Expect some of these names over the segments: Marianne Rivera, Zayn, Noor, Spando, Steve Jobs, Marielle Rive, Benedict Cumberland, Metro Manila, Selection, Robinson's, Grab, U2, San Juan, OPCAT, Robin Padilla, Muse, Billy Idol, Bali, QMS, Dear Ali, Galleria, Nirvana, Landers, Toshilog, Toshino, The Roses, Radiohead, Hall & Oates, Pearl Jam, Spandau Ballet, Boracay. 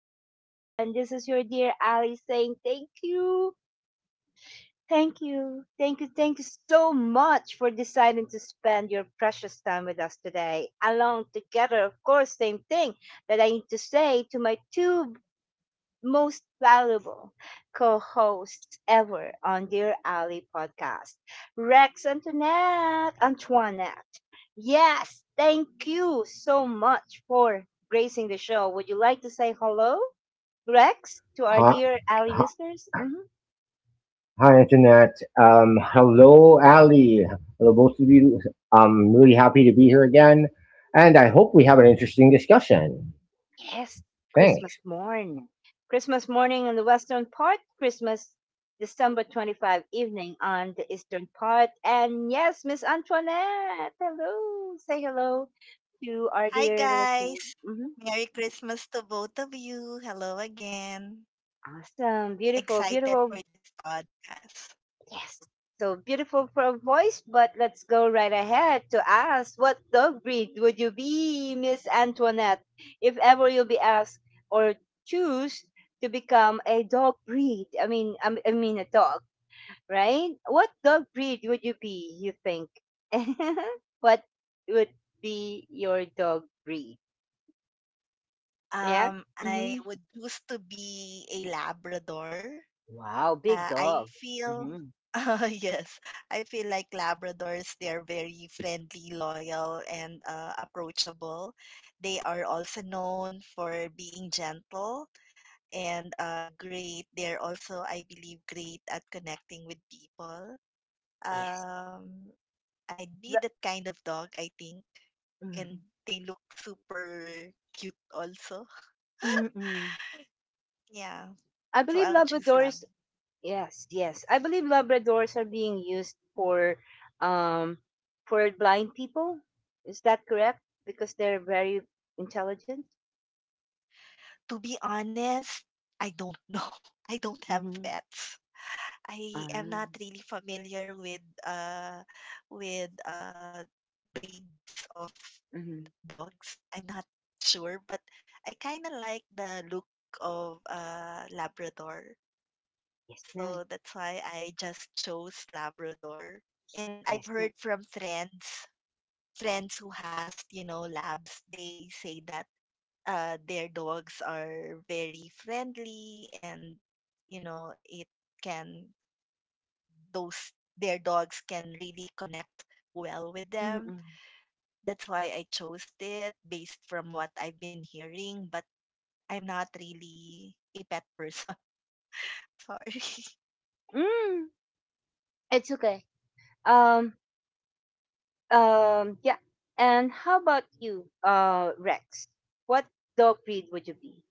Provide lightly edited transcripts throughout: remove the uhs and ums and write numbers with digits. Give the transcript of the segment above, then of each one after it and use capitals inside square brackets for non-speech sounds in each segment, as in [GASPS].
everyone. This is your dear Ali saying thank you. Thank you. Thank you. Thank you so much for deciding to spend your precious time with us today. Along together, of course, same thing that I need to say to my two most valuable co hosts ever on Dear Ali podcast, Rex, Antoinette. Antoinette, yes, thank you so much for gracing the show. Would you like to say hello, Rex, to our Hi, Dear Ali hi, listeners? Hi, Internet. Hello, Ali. Hello, both of you. I'm really happy to be here again, and I hope we have an interesting discussion. Yes, Thanks. Christmas morn. Christmas morning on the western part, Christmas December 25 evening on the eastern part. And yes, Miss Antoinette, hello. Say hello to our Hi, dear listeners. guys. Merry Christmas to both of you. Hello again. Awesome. Beautiful, Excited beautiful. for this podcast. Yes. So beautiful for a voice, but let's go right ahead to ask what dog breed would you be, Miss Antoinette, if ever you'll be asked or choose to become a dog breed? I mean, I mean a dog, right? What dog breed would you be? You think? [LAUGHS] What would be your dog breed? Yeah. I Hmm. would choose to be a Labrador. Wow, big I dog. feel, Hmm. [LAUGHS] Yes, I feel like Labradors, they're very friendly, loyal, and approachable. They are also known for being gentle and great. They're also, I believe, great at connecting with people. Yes. Um, I'd be The- that kind of dog, I think. And mhm. they look super cute also. Mm-mm. Yeah. I So believe I'll choose Labrador lamb. is— yes, yes. I believe Labradors are being used um for blind people. Is that correct? Because they're very intelligent. To be honest, I don't know. [LAUGHS] I don't have Mm-hmm. pets. I am Ah. not really familiar with breeds of Mm-hmm. dogs. I'm not sure, but I kind of like the look of Labrador. Yes, ma'am. So that's why I just chose Labrador. And Yes, I've ma'am. heard from friends who has, you know, labs, they say that their dogs are very friendly and, you know, can, their dogs can really connect well with Mm-mm. them. That's why I chose it based from what I've been hearing, but I'm not really a pet person. [LAUGHS] Sorry. Mm. It's okay. Um. Yeah. And how about you, Rex? What dog breed would you be?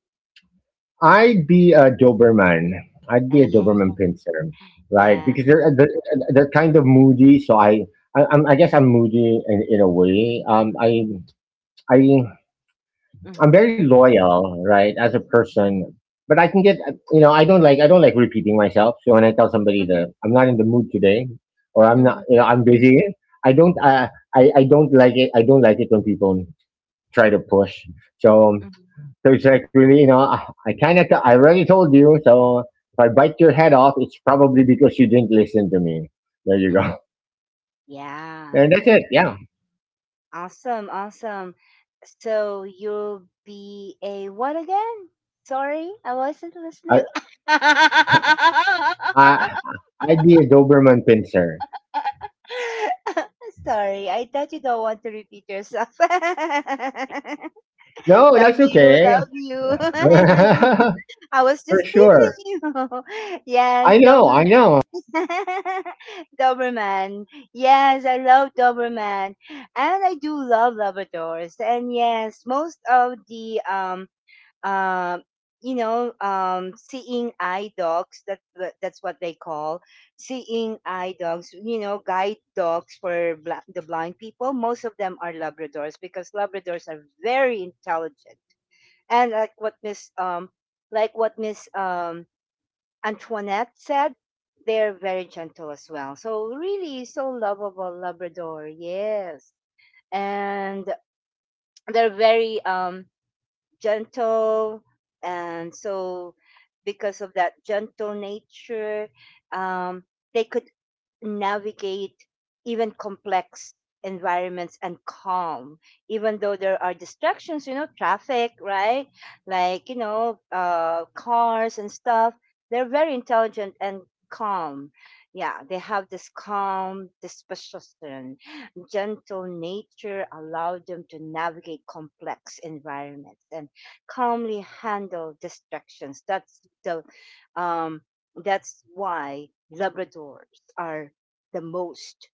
I'd be a Doberman. I'd be a Ah, Doberman pincer, right? yeah. Because they're kind of moody, so I guess I'm moody in a way. Mm-hmm. I I'm Mm-hmm. very loyal, right, as a Mm-hmm. person. But I can get, I don't like repeating myself. So when I tell somebody Mm-hmm. that I'm not in the mood today, or I'm Mm-hmm. not, I'm busy, I don't, uh, I don't like it. I don't like it when people try to push. So, Mm-hmm. so it's like really, I kind of, I already told you. So if I bite your head off, it's probably because you didn't listen to me. There you go. [LAUGHS] Yeah. And that's it. Yeah, Awesome, awesome. So you'll be a what again? Sorry, I wasn't I, listening. [LAUGHS] I, I'd be a Doberman pincer. Sorry, I thought you don't want to repeat yourself. [LAUGHS] [LAUGHS] No, Love that's you, okay. love you. [LAUGHS] [LAUGHS] I was For just teasing sure. you. [LAUGHS] I Yes, know, Doberman. I know. [LAUGHS] Doberman. Yes, I love Doberman. And I do love Labradors. And yes, most of the um, you know, seeing eye dogs. That's what they call seeing eye dogs. You know, guide dogs for the blind people. Most of them are Labradors because Labradors are very intelligent. And like what Miss like what Miss um Antoinette said, they're very gentle as well. So really, so lovable Labrador. Yes, and they're very gentle, and so because of that gentle nature, um, they could navigate even complex environments and calm, even though there are distractions, you know, traffic, right? Like, you know, cars and stuff. They're very intelligent and calm. Yeah, they have this calm disposition. Gentle nature allowed them to navigate complex environments and calmly handle distractions. That's the— um that's why Labradors are the most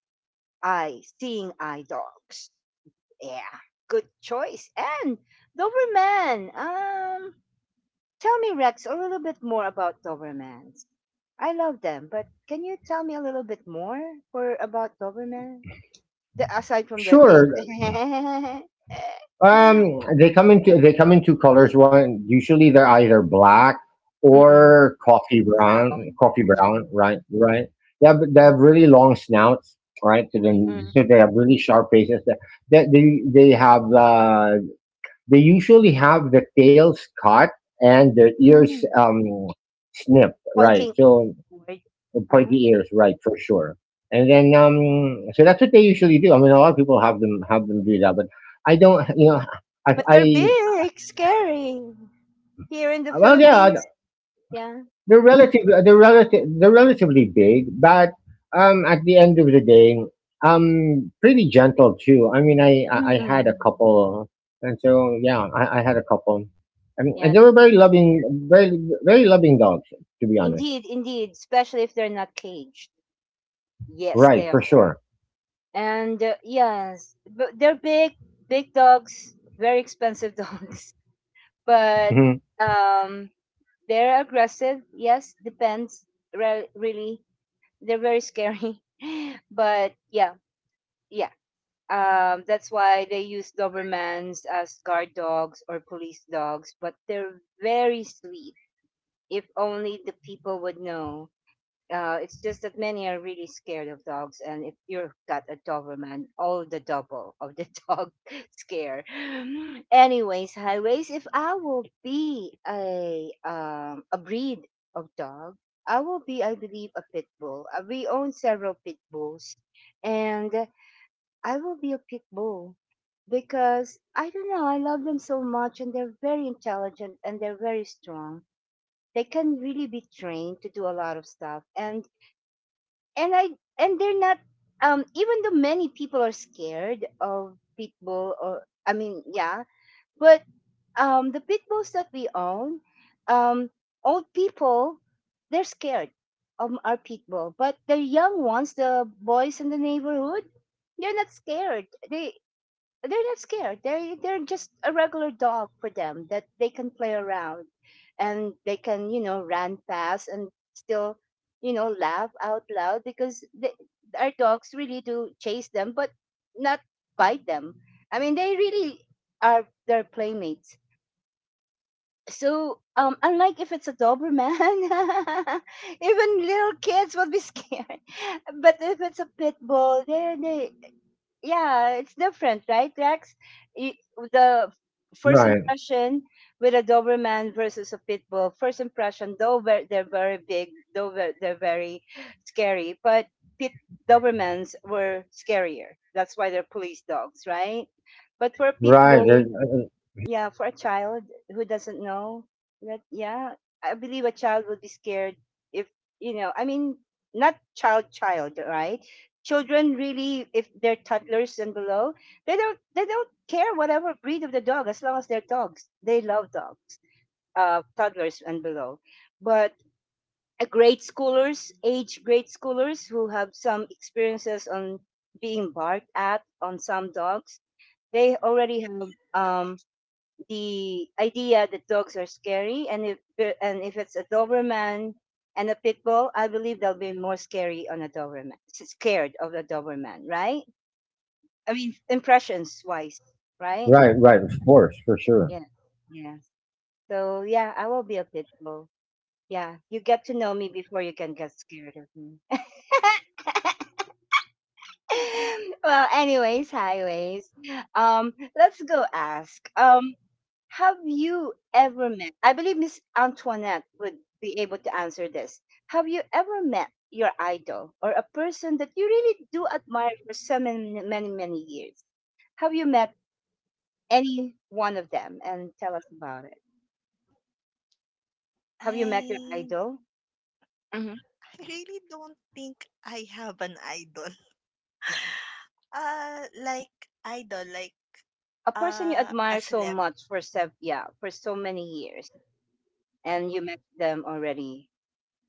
eye— seeing eye dogs. Yeah, good choice. And Doberman. Tell me, Rex, a little bit more about Dobermans. I love them, but can you tell me a little bit more for about Doberman? The, aside from their big, Sure. [LAUGHS] They come in two colors. One usually they're either black mm-mm. or coffee Brown, brown. Coffee brown, mm-mm. right, right. They have Mm-mm. really long snouts, right? So then Mm-mm. so [LAUGHS] they have really sharp faces. That they usually have the tails cut, and their ears Mm-mm. Snipped, right? Pointing So outward. the Uh-huh. pointy ears, right, for sure. And then, so that's what they usually do. I mean, a lot of people have them do that, but I don't. You know, But I they're big, scary. Here in the Well, yeah, uh, Philippines, yeah. they're relative, uh, they're relative, they're relatively big, but at the end of the day, pretty gentle too. I mean, I had a Mm-mm. couple, and so yeah, I had a couple, and, Yeah, and they were very loving, very, very loving dogs, to be honest. indeed, indeed, especially if they're not caged. Yes, Right, they are. for sure. And yes, but they're big, big dogs, very expensive [LAUGHS] dogs. But hmm um they're aggressive. Yes, depends. Re- really. They're very scary. [LAUGHS] But yeah, yeah. Um, that's why they use Dobermans as guard dogs or police dogs, but they're very sweet. If only the people would know. It's just that many are really scared of dogs, and if you've got a Doberman, all the double of the [LAUGHS] dog scare. Anyways, highways. If I will be a breed of dog, I will be, I believe, a pit bull. We own several pit bulls, and I will be a pit bull because I don't know, I love them so much and they're very intelligent and they're very strong. They can really be trained to do a lot of stuff, and I and they're not— even though many people are scared of pit bull, or I mean, yeah, but the pit bulls that we own, um old people, they're scared of our pit bull, but the young ones, the boys in the neighborhood, they're not scared. They're not scared. They're just a regular dog for them that they can play around, and they can, you know, run fast and still, you know, laugh out loud because they, our dogs really do chase them, but not bite them. I mean, they really are their playmates. So, unlike if it's a Doberman, [LAUGHS] even little kids will be scared. [LAUGHS] But if it's a pit bull, yeah, it's different, right, Rex? Y- The first Right, impression with a Doberman versus a pit bull, first impression, though they're very big, though they're very scary, but pit Dobermans were scarier. That's why they're police dogs, right? But for a pit right. bull, yeah, for a child who doesn't know that, yeah, I believe a child would be scared if, you know, I mean, not child child, right? Children really, if they're toddlers and below, they don't care whatever breed of the dog, as long as they're dogs, they love dogs. Uh, toddlers and below, but grade schoolers, age grade schoolers who have some experiences on being barked at on some dogs, they already have um the idea that dogs are scary, and if it's a Doberman and a pit bull, I believe they'll be more scary on a Doberman, scared of a Doberman, right? I mean, impressions wise, right? Right, right, of course, for sure. Yeah, yeah. So yeah, I will be a pit bull. Yeah, you get to know me before you can get scared of me. [LAUGHS] Well, anyways, highways. Let's go ask. Have you ever met— I believe Miss Antoinette would be able to answer this. Have you ever met your idol or a person that you really do admire for so many, many, many years? Have you met any one of them and tell us about it? Have you met your I idol? Hmm. I really don't think I have an idol. Mhm. [LAUGHS] Like idol, like A person you admire a so celeb. much for yeah, for so many years and you met them already.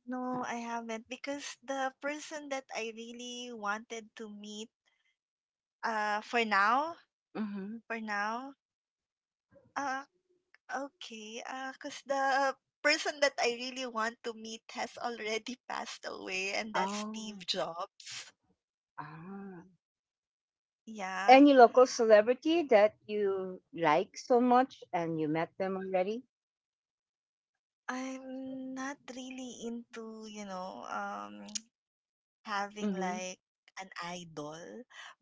No, I haven't because the person that I really wanted to meet. Uh, for now, Hmm. for now. Uh, okay. Cause the person that I really want to meet has already [LAUGHS] passed away, and that's Steve Oh, Jobs. ah. Yeah, Any local celebrity that you like so much and you met them already? I'm not really into, having Mm-hmm. like an idol.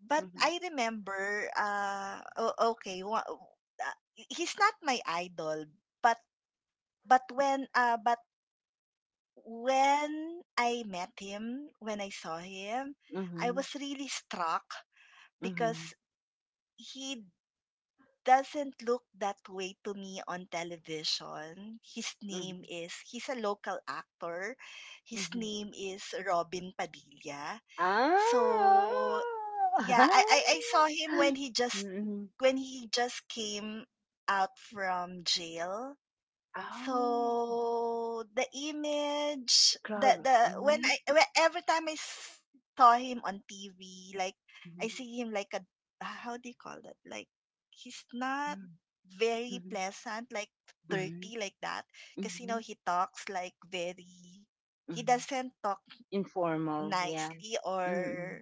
But Mm-hmm. I remember, he's not my idol, but but when I met him, when I saw him, I Mm-hmm. was really struck Mm-hmm. because he doesn't look that way to me on television. His Mm-hmm. name is He's a local actor. His Mm-hmm. name is Robin Padilla. Ah. So yeah, [LAUGHS] I saw him when he just Mm-hmm. Came out from jail, Oh, so the image club. Crowded. the when Mm-hmm. I when, every time saw him on TV, like I see him like a, how do you call that, like he's not Mm-hmm. very Mm-hmm. pleasant, like Mm-hmm. dirty like that, because, you Mm-hmm. know, he Mm-hmm. doesn't talk Informal, yeah. nicely Mm-hmm. or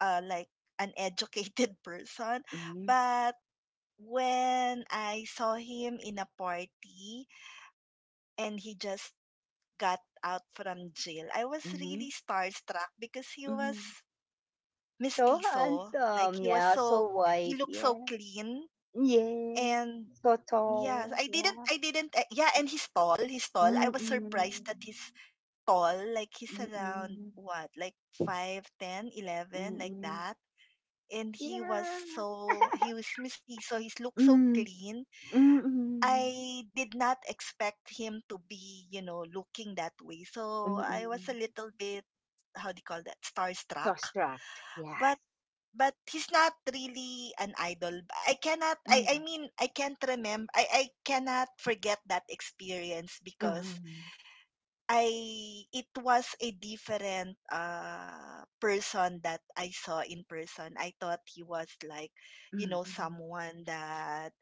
like an educated [LAUGHS] person. Mm-hmm. But when I saw him in a party and he just got out from jail, I was Mm-hmm. really starstruck because he was Mm-hmm. So mestizo. Like handsome, yeah. So he white, looked so yeah. clean Yes, and yeah, totoo, yeah. I didn't eh, yeah, and he's tall. I was Mm. surprised that he's tall, like he's around Mm. what, like 5 10 eleven, like Mm. that. And Yeah. He was misty, so he looked so Mm. clean. Mm. I did not expect him to be, you know, looking that way, so I was a Mm. little bit, how do you call that, starstruck. Sauce-trapped, yeah. But but he's not really an idol. Mm. I mean, I can't remember I cannot forget that experience because Mm. I it was a different person that I saw in person. I thought he was like, you know, Mm. someone that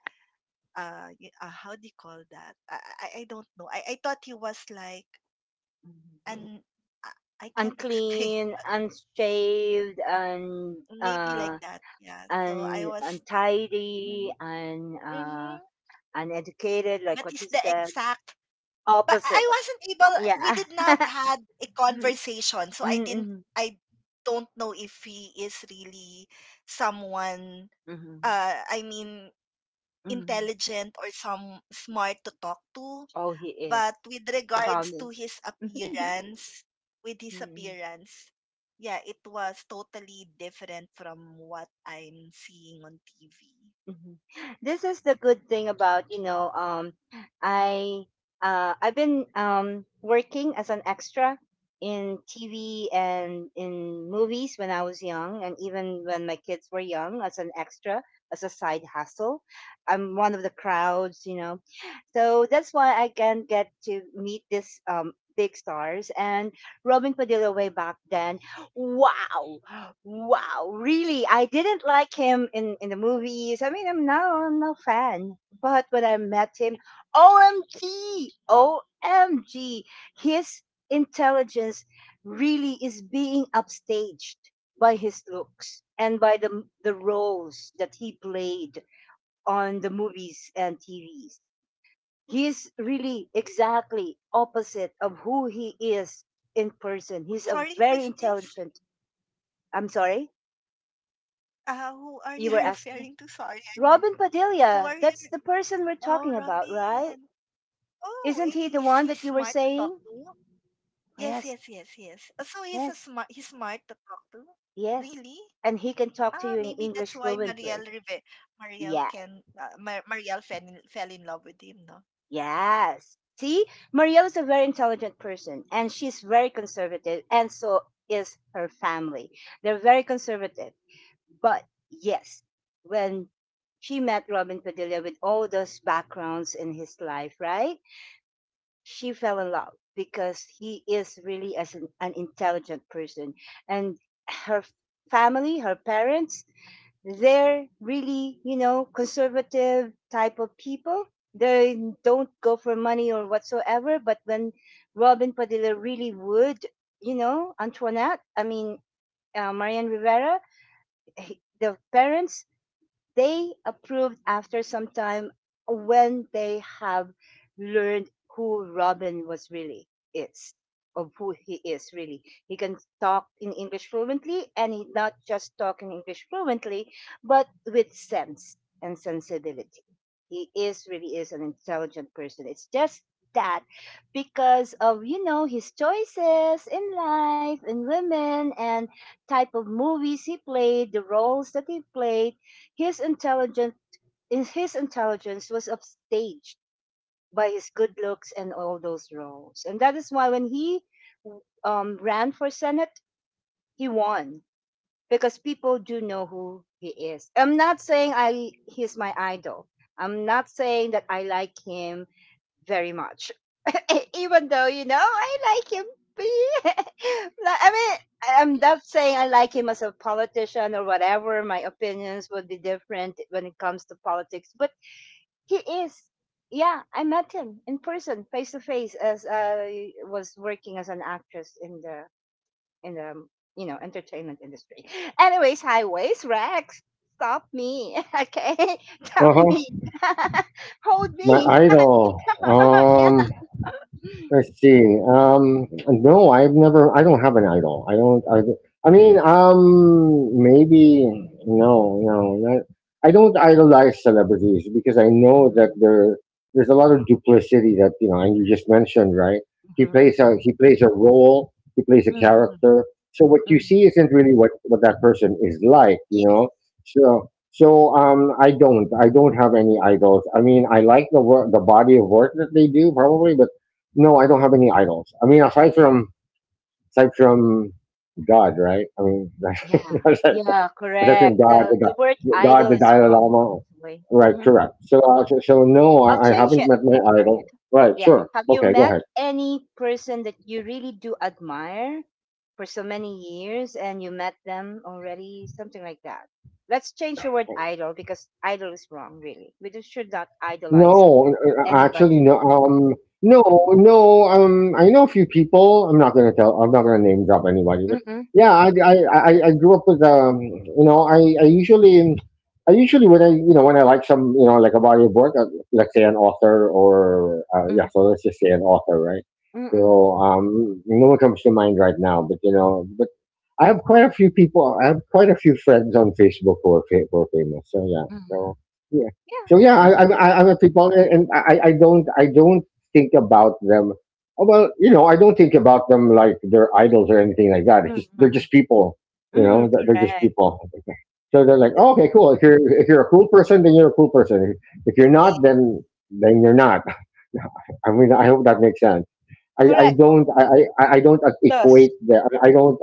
how do you call that? I don't know. I thought he was like Mm. an [LAUGHS] I, I can't explain. Unclean, unshaved, [LAUGHS] Maybe like uh, that. Yeah. So I and was. untidy, Mm-hmm. and Mm-hmm. uneducated, like But what it's you the said. exact but I Opposite, wasn't able. We yeah. did not [LAUGHS] had a conversation, so I Mm. didn't. Mm. I don't know if he is really someone. Mhm. I mean, Mhm. intelligent or some smart to talk to. Oh, he is. But with regards to Promise. his [LAUGHS] appearance, with his Mhm. appearance, yeah, it was totally different from what I'm seeing on TV. Mhm. This is the good thing about, you know, I I've been working as an extra in TV and in movies when I was young, and even when my kids were young, as an extra, as a side hustle. I'm one of the crowds, you know. So that's why I can get to meet this big stars and Robin Padilla way back then. Wow. Wow. Really, I didn't like him in the movies. I mean, I'm no fan. But when I met him, OMG, OMG! His intelligence really is being upstaged by his looks and by the roles that he played on the movies and TV. He's really exactly opposite of who he is in person. He's a Sorry, who very is this? intelligent. I'm sorry, Who are you were you [LAUGHS] asking me. referring to? Sorry, I Robin missed. Who Padilla, are you that's the person we're Oh, talking about, right? Robin. Oh, Isn't he the is one he that you were smart to talk saying? to? Yes, Yes, yes, yes, yes. So he's a yes, smart. He's smart to talk to. yes. Really? And he can talk to Ah, you in maybe English that's why fluently. Marielle Rive Marielle Yeah, can Mar Marielle fell in love with him, no? yes. See, Maria is a very intelligent person and she's very conservative, and so is her family. They're very conservative. But yes, when she met Robin Padilla with all those backgrounds in his life, right? She fell in love because he is really as an intelligent person. And her family, her parents, they're really, you know, conservative type of people. They don't go for money or whatsoever. But when Robin Padilla really would, you know, Antoinette, I mean, Marianne Rivera, the parents, they approved after some time when they have learned who Robin was really is, of who he is really. He can talk in English fluently, and he not just talk in English fluently, but with sense and sensibility. He is really is an intelligent person. It's just that because of, you know, his choices in life and women and type of movies he played, the roles that he played, his intelligent his intelligence was upstaged by his good looks and all those roles. And that is why when he ran for Senate, he won because people do know who he is. I'm not saying I he's my idol. I'm not saying that I like him very much, [LAUGHS] even though you know I like him. [LAUGHS] I mean, I'm not saying I like him as a politician or whatever. My opinions would be different when it comes to politics, but he is. Yeah, I met him in person, face to face, as I was working as an actress in the in the um, entertainment industry. Anyways, highways, Rex, stop me, [LAUGHS] okay? [LAUGHS] Uh Tell huh. me, [LAUGHS] hold My me. idol. [LAUGHS] Um, Yeah. Let's see. No, I've never. I don't have an idol. I don't. I mean, maybe. No, no. Not, I don't idolize celebrities because I know that Mhm, there's a lot of duplicity that you know, and you just mentioned, right? Mhm, mhm, He plays a role. He plays a mhm, character. So what you mhm. see isn't really what that person is like, Yeah, you know. So I don't have any idols. I mean, I like the body of work that they do probably, but no, I don't have any idols. I mean, aside from God, right? I mean, yeah, [LAUGHS] aside, yeah. aside from Correct. God, The word idol the is Dalai wrong, Lama, actually. right? Hmm Correct. So no, I'll I change haven't it. met my idol. Right? Yeah. Sure. Have you Okay, go met ahead. any person that you really do admire for so many years and you met them already? Something like that. Let's change the word idol because idol is wrong, really. We just should not idolize No, anybody. actually, no. Mm-mm. No, no. I know a few people. I'm not gonna tell. I'm not gonna name drop anybody. But Mm-mm. yeah, Yeah. I grew up with. I usually when I, when I like some, like a body of work, let's say an author or yeah. Mm, So let's just say an author, right? mm-mm. So, no one comes to mind right now. But I have quite a few people. I have quite a few friends on Facebook who are famous. So yeah. Mm-mm. So. Yeah, So yeah, me too. I'm a people, and I don't think about them. Oh, well, I don't think about them like they're idols or anything like that. It's just they're Mm-mm. just people, you Mm-mm. know. They're just Correct. people. So they're like, Th- oh, okay, cool. If you're a cool person, then you're a cool person. If you're not, Yes. then you're not. [LAUGHS] I mean, I hope that makes sense. I, I Correct. don't I, I don't Thus. equate the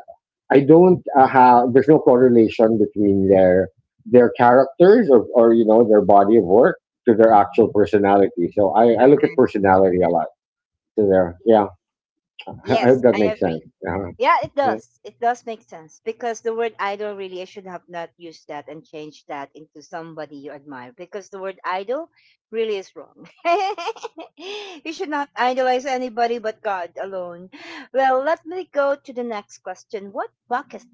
I don't have there's no correlation between their characters or you know their body of work to their actual Mhm. personality. So I look Correct. at personality a lot to their Yeah. yeah. I hope Yes, that I makes sense. agree. Yeah, it Yeah. does. It does make sense because the word idol really, I should have not used that and changed that into somebody you admire because the word idol really is wrong. [LAUGHS] You should not idolize anybody but God alone. Well, let me go to the next question. What bucket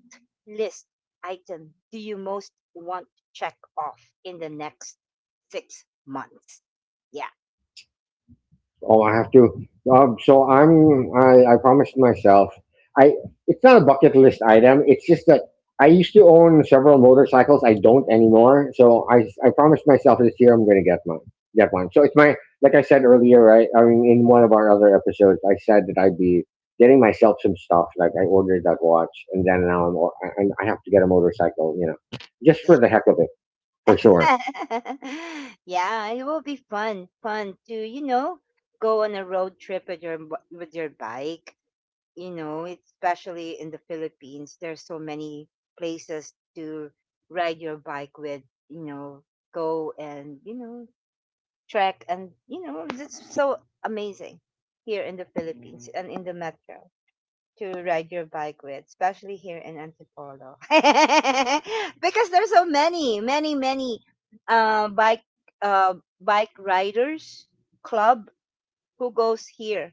list item do you most want to check off in the next 6 months? Yeah, Oh, I have to. So I'm. I promised myself. I. It's not a bucket list item. It's just that I used to own several motorcycles. I don't anymore. So I. I promised myself this year I'm going to get one. Get one. So it's my. Like I said earlier, right? I mean, in one of our other episodes, I said that I'd be getting myself some stuff. Like I ordered that watch, and then now I'm. And I have to get a motorcycle. Just yeah. for the heck of it, for sure. [LAUGHS] Yeah, it will be fun, fun to go on a road trip with with your bike. You know, especially in the Philippines, there's so many places to ride your bike with. You know, go and trek and it's so amazing here in the Philippines and in the metro to ride your bike with, especially here in Antipolo. [LAUGHS] Because there's so many, many, many bike uh, bike riders club who goes here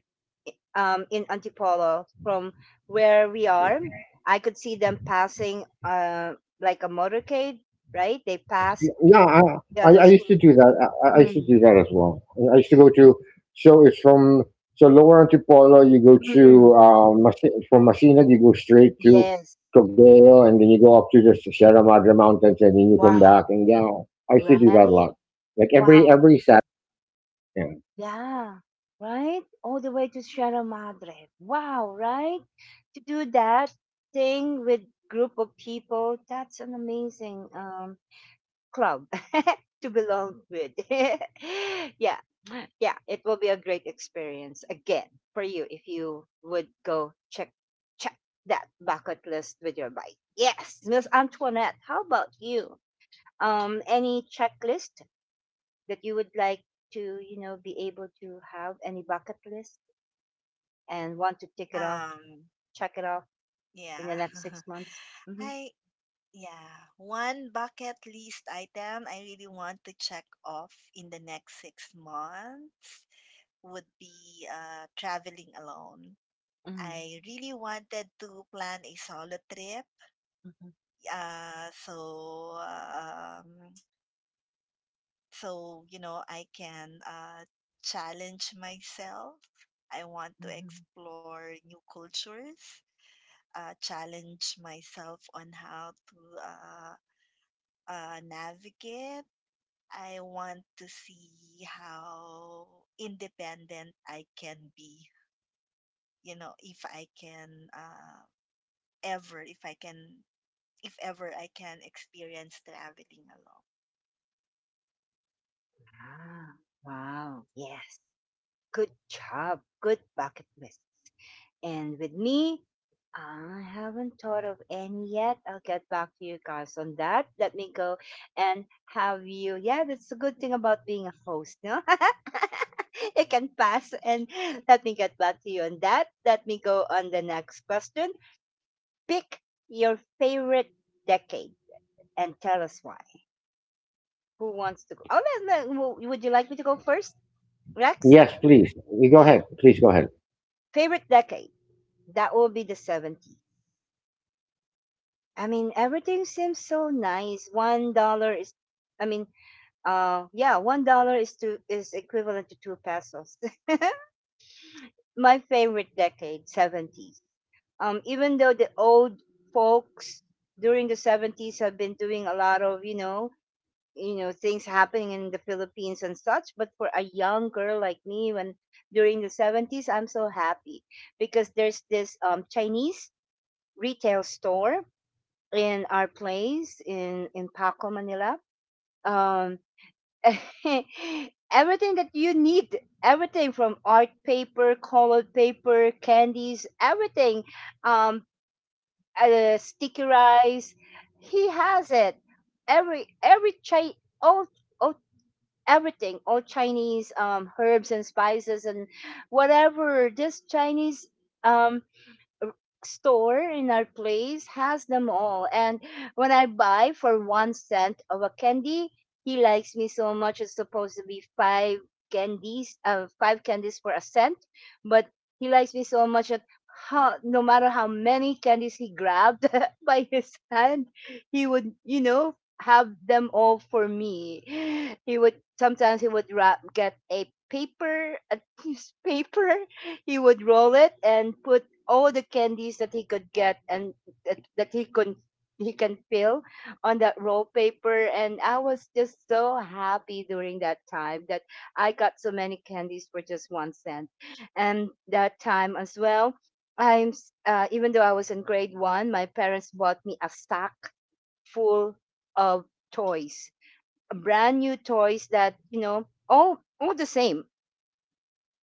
in Antipolo from where we are. I could see them passing like a motorcade, right? They pass, Yeah, yeah, I those used to clubs. do that. I used to do Mm. that as well. I used to go to, so it's from, so Lower Antipolo. You go Mm-mm. From Masinag, you go straight to Yes. Cogeo, and then you go up to the Sierra Madre Mountains, and then you come back. Wow. And yeah, I used to do that a lot. Right? Like every Wow. every Saturday. Yeah. Yeah, right? All the way to Sierra Madre. Wow, right? To do that thing with group of people, that's an amazing club [LAUGHS] to belong with. [LAUGHS] Yeah. Yeah, it will be a great experience again for you if you would go check that bucket list with your bike. Yes, Miss Antoinette, how about you? Um, any checklist that you would like to, you know, be able to have any bucket list and want to tick it off, Um, check it off yeah. in the next six [LAUGHS] months? Hmm I Yeah. One bucket list item I really want to check off in the next 6 months would be traveling alone. Mm-hmm. I really wanted to plan a solo trip. Mm-hmm. Uh, so, um, so, you know, I can challenge myself. I want to Mm-hmm. explore new cultures, challenge myself on how to uh, navigate. I want to see how independent I can be, you know, if I can ever, if I can if ever I can experience traveling alone. Ah, wow. Yes. Good job. Good bucket list. And with me, I haven't thought of any yet. I'll get back to you guys on that. Let me go and have you. Yeah, that's a good thing about being a host, no? [LAUGHS] It can pass. And let me get back to you on that. Let me go on the next question. Pick your favorite decade and tell us why. Who wants to go? Oh, let- let- w- would you like me to go first, Rex? Yes, please. You go ahead. Please go ahead. Favorite decade? That will be the 70s. I mean, everything seems so nice. I mean, yeah, $1 is to is equivalent to two pesos. [LAUGHS] My favorite decade, seventies. Even though the old folks during the 70s have been doing a lot of, you know, things happening in the Philippines and such, but for a young girl like me, when during the 70s, I'm so happy because there's this Chinese retail store in our place in Paco, Manila, um, [LAUGHS] everything that you need, everything from art paper, colored paper, candies, everything, um stickerized, he has it. Every chi all, all everything, all Chinese herbs and spices and whatever this Chinese um store in our place has them all. And when I buy for 1 cent of a candy, he likes me so much. It's supposed to be five candies for a cent, but he likes me so much that, how, no matter how many candies he grabbed [LAUGHS] by his hand, he would, you know, have them all for me. He would wrap, a piece of paper. He would roll it and put all the candies that he could get and that he could he can fill on that roll paper. And I was just so happy during that time that I got so many candies for just 1 cent. And that time as well, even though I was in grade one, my parents bought me a sack full of toys, brand new toys that, you know, all the same.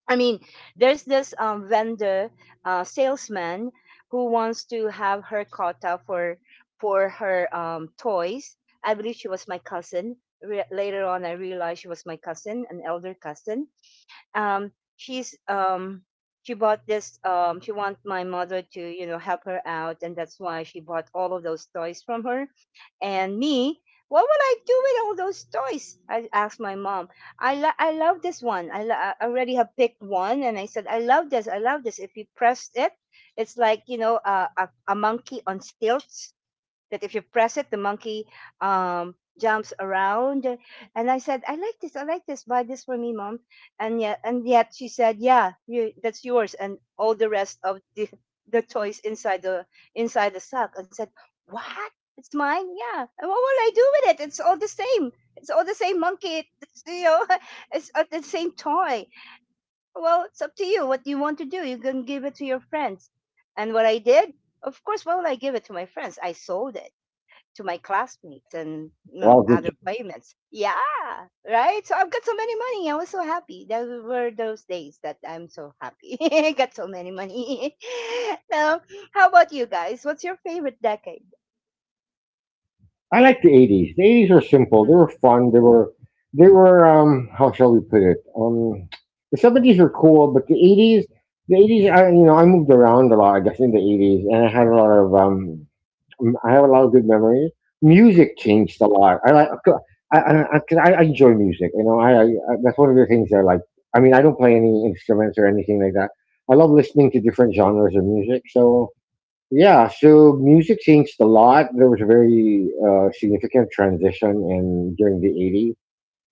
I mean, there's this vendor, salesman, who wants to have her quota for her toys. I believe she was my cousin. Re- later on, I realized she was my cousin, an elder cousin. um she's um she bought this um, she wants my mother to, you know, help her out, and that's why she bought all of those toys from her. And me, what would I do with all those toys, I asked my mom. I love this one. I already have picked one and I said, I love this, I love this. If you press it, it's like, you know, a monkey on stilts that if you press it, the monkey jumps around. And I said, I like this. I like this. Buy this for me, mom. And yet she said, yeah, you, that's yours. And all the rest of the toys inside the sack. And said, what? It's mine. Yeah. And what will I do with it? It's all the same. It's all the same monkey. It's, you know, [LAUGHS] it's the same toy. Well, it's up to you. What do you want to do? You can give it to your friends. And what I did, of course, why would I give it to my friends? I sold it to my classmates and, you know, Well, good. other playmates. Yeah, right. So I've got so many money. I was so happy. Those were those days that I'm so happy. [LAUGHS] I got so many money. [LAUGHS] Now, how about you guys? What's your favorite decade? I like the 80s. the 80s were simple. Mm, They were fun. They were How shall we put it? The 70s were cool, but the 80s, I moved around a lot, I guess in the 80s, and I had a lot of I have a lot of good memories. mm, Music changed a lot. I like, 'cause I enjoy music. You know, I That's one of the things I like. I mean, I don't play any instruments or anything like that. I love listening to different genres of music. So yeah, so music changed a lot. There was a very, significant transition in during the 80s,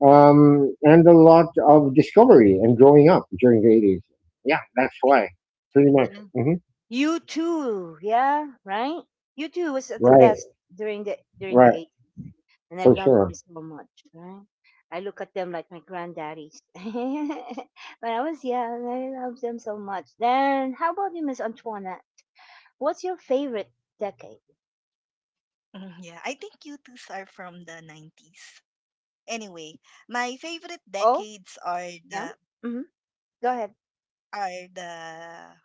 and a lot of discovery and growing up during the 80s. Yeah, that's why, pretty much. yeah. Hmm You too, yeah, right? You too was at the Right, best during the right, eighties, and I for loved sure. them so much, right? I look at them like my granddaddies. [LAUGHS] When I was young, I loved them so much. Then, how about you, Miss Antoinette? What's your favorite decade? Mhm. Yeah, I think you twos are from the 90s. Anyway, my favorite Oh, decades are yeah. the Mm-hmm. Go ahead. are the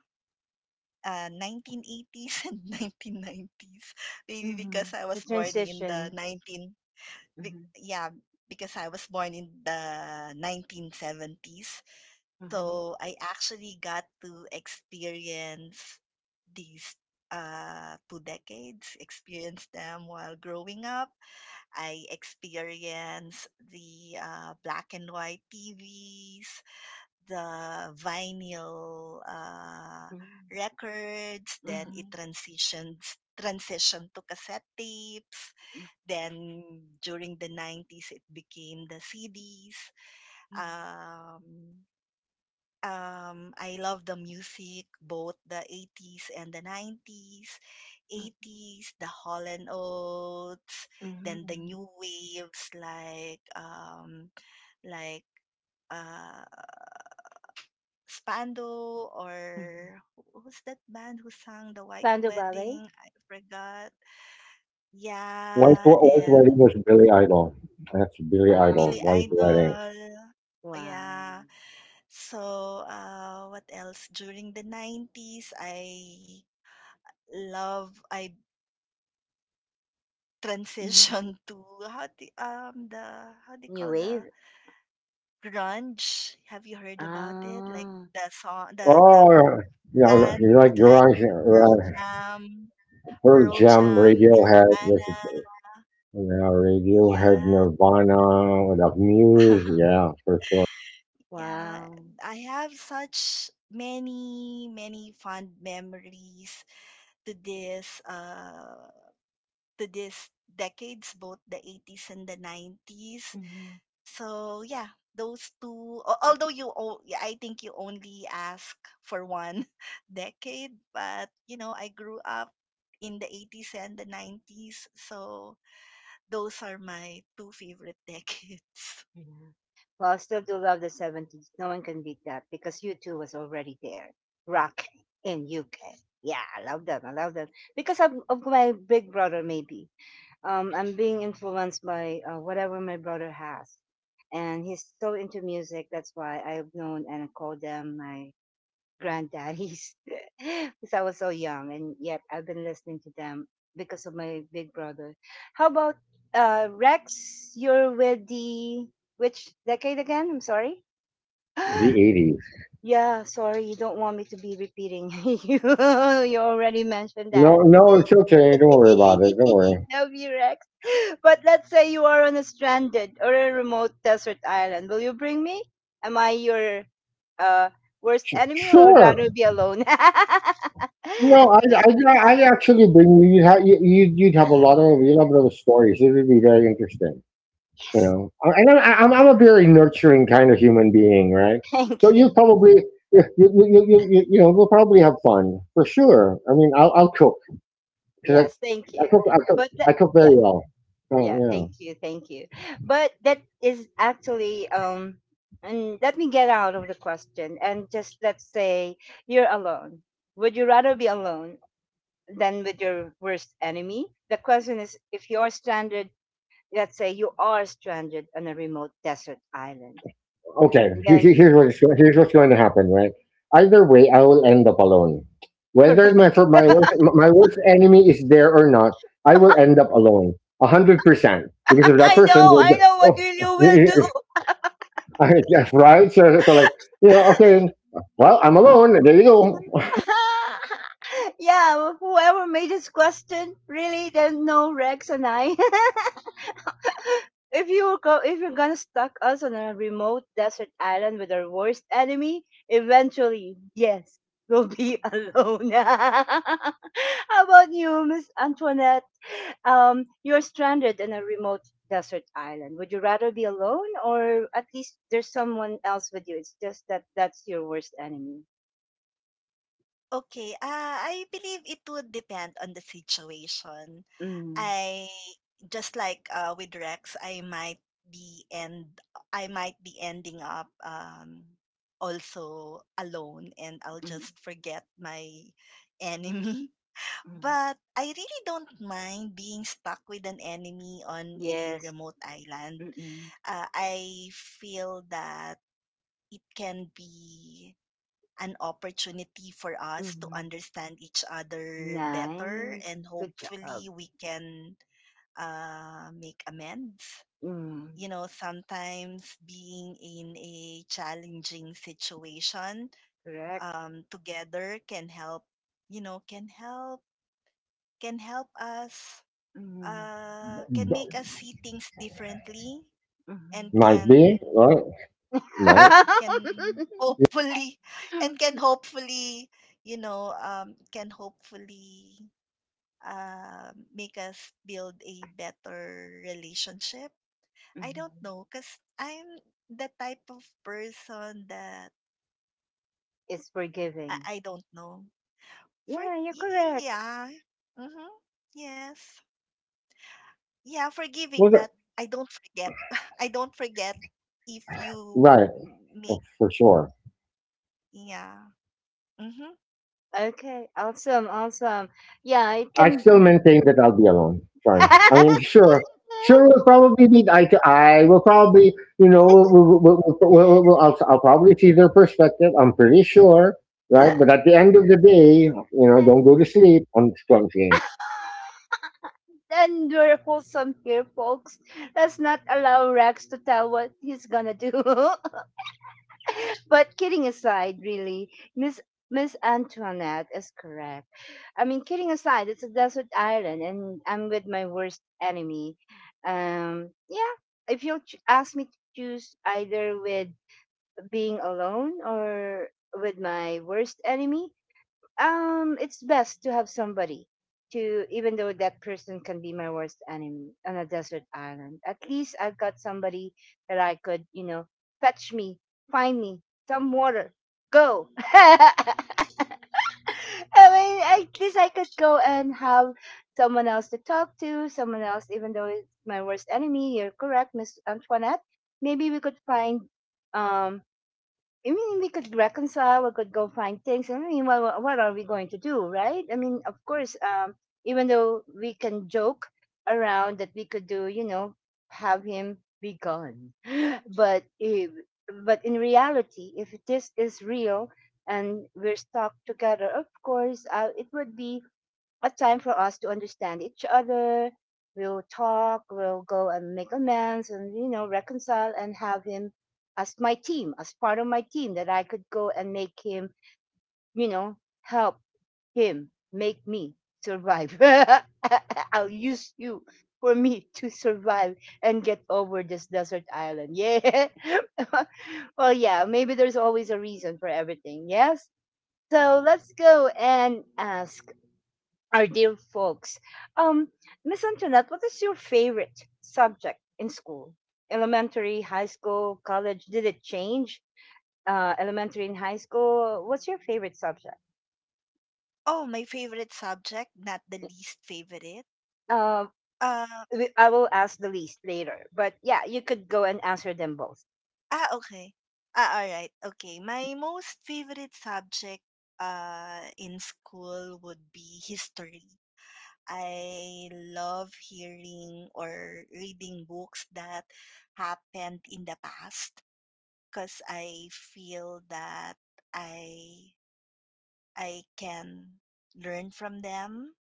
uh, 1980s [LAUGHS] and 1990s. Maybe Mm-hmm. because I The was born in the transition. 19, Mm-hmm. yeah, because I was born in the 1970s. Mm-hmm. So I actually got to experience these two decades, experience them while growing up. I experienced the black and white TVs, the vinyl Mm-hmm. records, then Mm-hmm. it transitions transitioned to cassette tapes. Then during the 90s, it became the CDs. Mm-hmm. Mm-hmm. Um, I love the music, both the 80s and the 90s. Mm-hmm. 80s, the Hall& and Oates, Mm-hmm, then the mm-hmm. new waves like uh, Spando or who's that band who sang The White Spandau Ballet. Wedding? I forgot. Yeah, White Wedding and was Billy Idol. That's Billy Idol. Billy Um, White Wedding. Idol. Wow. Yeah. So, what else? During the 90s, I Mhm. transitioned [LAUGHS] to how the um the how do you New call the wave? grunge? Have you heard about it? Like Ah, the song, the Oh, yeah, band, you like like grunge, Pearl right? Jam, Pearl Jam, Radiohead. There's Nirvana. Yeah, Yeah, Radiohead, Nirvana, what else? Muse, [LAUGHS] yeah, for sure. yeah. wow. I have such many many fond memories to this to this decades both the 80s and the 90s. Mhm. So yeah, those two. Although yeah, I think you only ask for one [LAUGHS] decade, but, I grew up in the 80s and the 90s, so those are my two favorite [LAUGHS] decades. Yeah. Well, I still do love the 70s. No one can beat that because U2 was already there, rocking in UK. Yeah, I love them. I love them because of my big brother. Maybe I'm being influenced by whatever my brother has, and he's so into music. That's why I've known and called them my granddaddies [LAUGHS] because I was so young, and yet I've been listening to them because of my big brother. How about Rex? You're with the which decade again? I'm sorry. [GASPS] The 80s. Yeah, sorry. You don't want me to be repeating. [LAUGHS] you you already mentioned No, that. no, it's okay. Don't worry about it. Don't worry. [LAUGHS] No, Rex. But let's say you are on a stranded or a remote desert island. Will you bring me? Am I your uh, worst enemy, or would rather Sure. be alone? [LAUGHS] No, Yes, I actually bring you. You'd have a lot of stories. It would be very interesting. I'm a very nurturing kind of human being, right? So thank you. you probably, we'll probably have fun for sure. I mean, I'll cook because Yes, thank I, I you. cook, I cook, But that, I cook yeah, very well. Oh, yeah, yeah. thank you, thank you. But that is actually and let me get out of the question and just let's say you're alone. Would you rather be alone than with your worst enemy? The question is, if you are stranded, let's say you are stranded on a remote desert island, Okay, and then here's what's going to happen, right. Either way, I will end up alone, whether correct. My worst enemy is there or not. I will end up alone 100% [LAUGHS] because of that person, will I be- know what oh. will you will do. [LAUGHS] That's right. So, so, like, you know, okay, well, I'm alone. There you go. [LAUGHS] Yeah, whoever made this question, really, there's no Rex and I. [LAUGHS] If you're gonna stuck us on a remote desert island with our worst enemy, eventually, yes, we'll be [LAUGHS] alone. [LAUGHS] How about you, Miss Antoinette? You're stranded in a remote desert island. Would you rather be alone, or at least there's someone else with you? It's just that that's your worst enemy. Okay, I believe it would depend on the situation. Mm, I just like, with Rex, be end I might be ending up, also alone, and I'll mm, just forget my enemy. [LAUGHS] mm. But I really don't mind being stuck with an enemy on a Yes. remote island. Mm-mm, I feel that it can be an opportunity for us to mm-mm. understand each other better, Nice. and Good job. hopefully we can make amends. Mm. You know, sometimes being in a challenging situation, Correct. Together can help, you know, can help, can help us, Mhm, can make [LAUGHS] us see things differently, mhm. and Might be can right. Right. can [LAUGHS] hopefully [LAUGHS] and can hopefully, can hopefully, make us build a better relationship. I don't Mhm. know because I'm the type of person that, It's forgiving. I don't know, for Yeah, you're correct. yeah, mm-hmm, yes, yeah, forgiving, Well, that- but I don't forget [LAUGHS] I don't forget if you right. Oh, make, for sure. yeah, mm-hmm. Okay, awesome, awesome. Yeah, it I still can. maintain that I'll be alone. Sorry. I mean, sure. Sure, we'll probably meet eye to eye. We'll probably, [LAUGHS] I'll probably see their perspective. I'm pretty sure, right? But at the end of the day, don't go to sleep. I'm saying. And we're wholesome here, folks. Let's not allow Rex to tell what he's gonna do. [LAUGHS] But kidding aside, really, Miss Miss Antoinette is correct. I mean, kidding aside, it's a desert island, and I'm with my worst enemy. Yeah, if you ch- ask me to choose either with being alone or with my worst enemy, it's best to have somebody. To, even though that person can be my worst enemy on a desert island, at least I've got somebody that I could, fetch me, find me some water, go. [LAUGHS] I mean, at least I could go and have someone else to talk to, someone else, even though it's my worst enemy. You're correct, Miss Antoinette. Maybe we could find um we could reconcile, we could go find things. I mean, what are we going to do, right? I mean, of course, even though we can joke around that we could do, have him be gone. [GASPS] [LAUGHS] But if, but in reality, if this is real and we're stuck together, of course, it would be a time for us to understand each other. We'll talk, we'll go and make amends and, reconcile and have him as my team, as part of my team that I could go and make him, you know, help him make me survive. [LAUGHS] I'll use you for me to survive and get over this desert island. Yeah. [LAUGHS] Well, yeah, maybe there's always a reason for everything. Yes. So let's go and ask our dear folks. Um, Miss Antoinette, what is your favorite subject in school? Elementary, high school, college? Did it change? Elementary and high school. What's your favorite subject? Oh, my favorite subject, not the least favorite. Uh, Uh, I will ask the least later, but yeah, you could go and answer them both. Okay. Alright. Okay. My most favorite subject, in school would be history. I love hearing or reading books that happened in the past because I feel that I I can learn from them.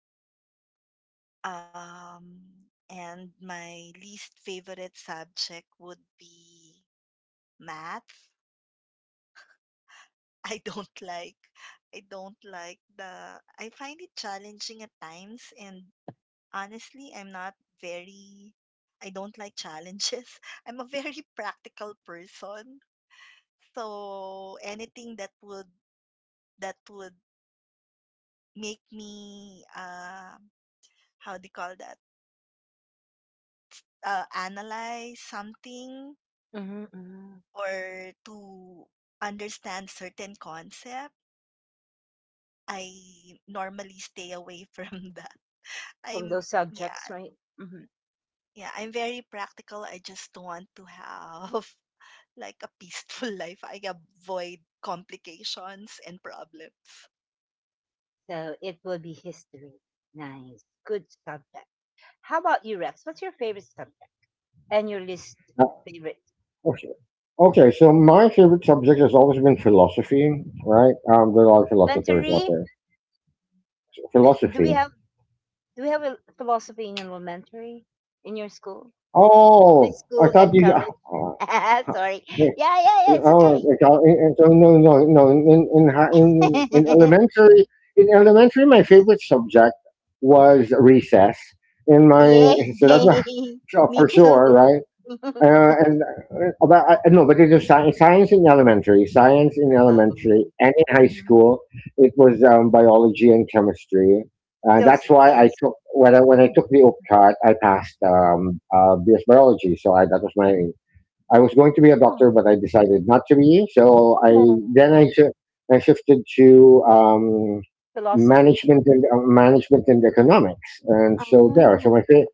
Um, and my least favorite subject would be math. I don't [LAUGHS] like I don't like the I find it challenging at times, and honestly, I'm not very. I don't like challenges. [LAUGHS] I'm a very [LAUGHS] practical person. So anything that would make me, how do you call that? Analyze something Mm-hmm, mm-hmm. or to understand certain concept, I normally stay away [LAUGHS] from that. From I'm those Yeah, subjects, right? Mm-hmm. yeah, I'm very practical. I just want to have [LAUGHS] like a peaceful [LAUGHS] life. I avoid complications and problems. So it will be history. Nice, good subject. How about you, Rex? What's your favorite subject and your least Uh, favorite? okay. Okay, so my favorite subject has always been philosophy, right? There are a lot of philosophers out Elementary? there. Do we Philosophy. have Do we have a philosophy in elementary in your school, high Oh, I school, thought and you. college? [LAUGHS] Uh, Sorry. Yeah, yeah, yeah. It's Oh, okay. And so no, no, no. In hi- [LAUGHS] in elementary, my favorite subject was recess. In my, Yay. so that's not, [LAUGHS] so [LAUGHS] Me for too. sure, [LAUGHS] right? And no, but it's a science in elementary, Wow. And in high Mhm. school, it was biology and chemistry. Still That's why I science. took, when I [LAUGHS] took the OPCAT, I passed BS biology, so that was my. I was going to be a doctor, but Mhm. I decided not to be. So Oh. I Oh, then I shifted to philosophy. Management and economics, and so there. So Ah.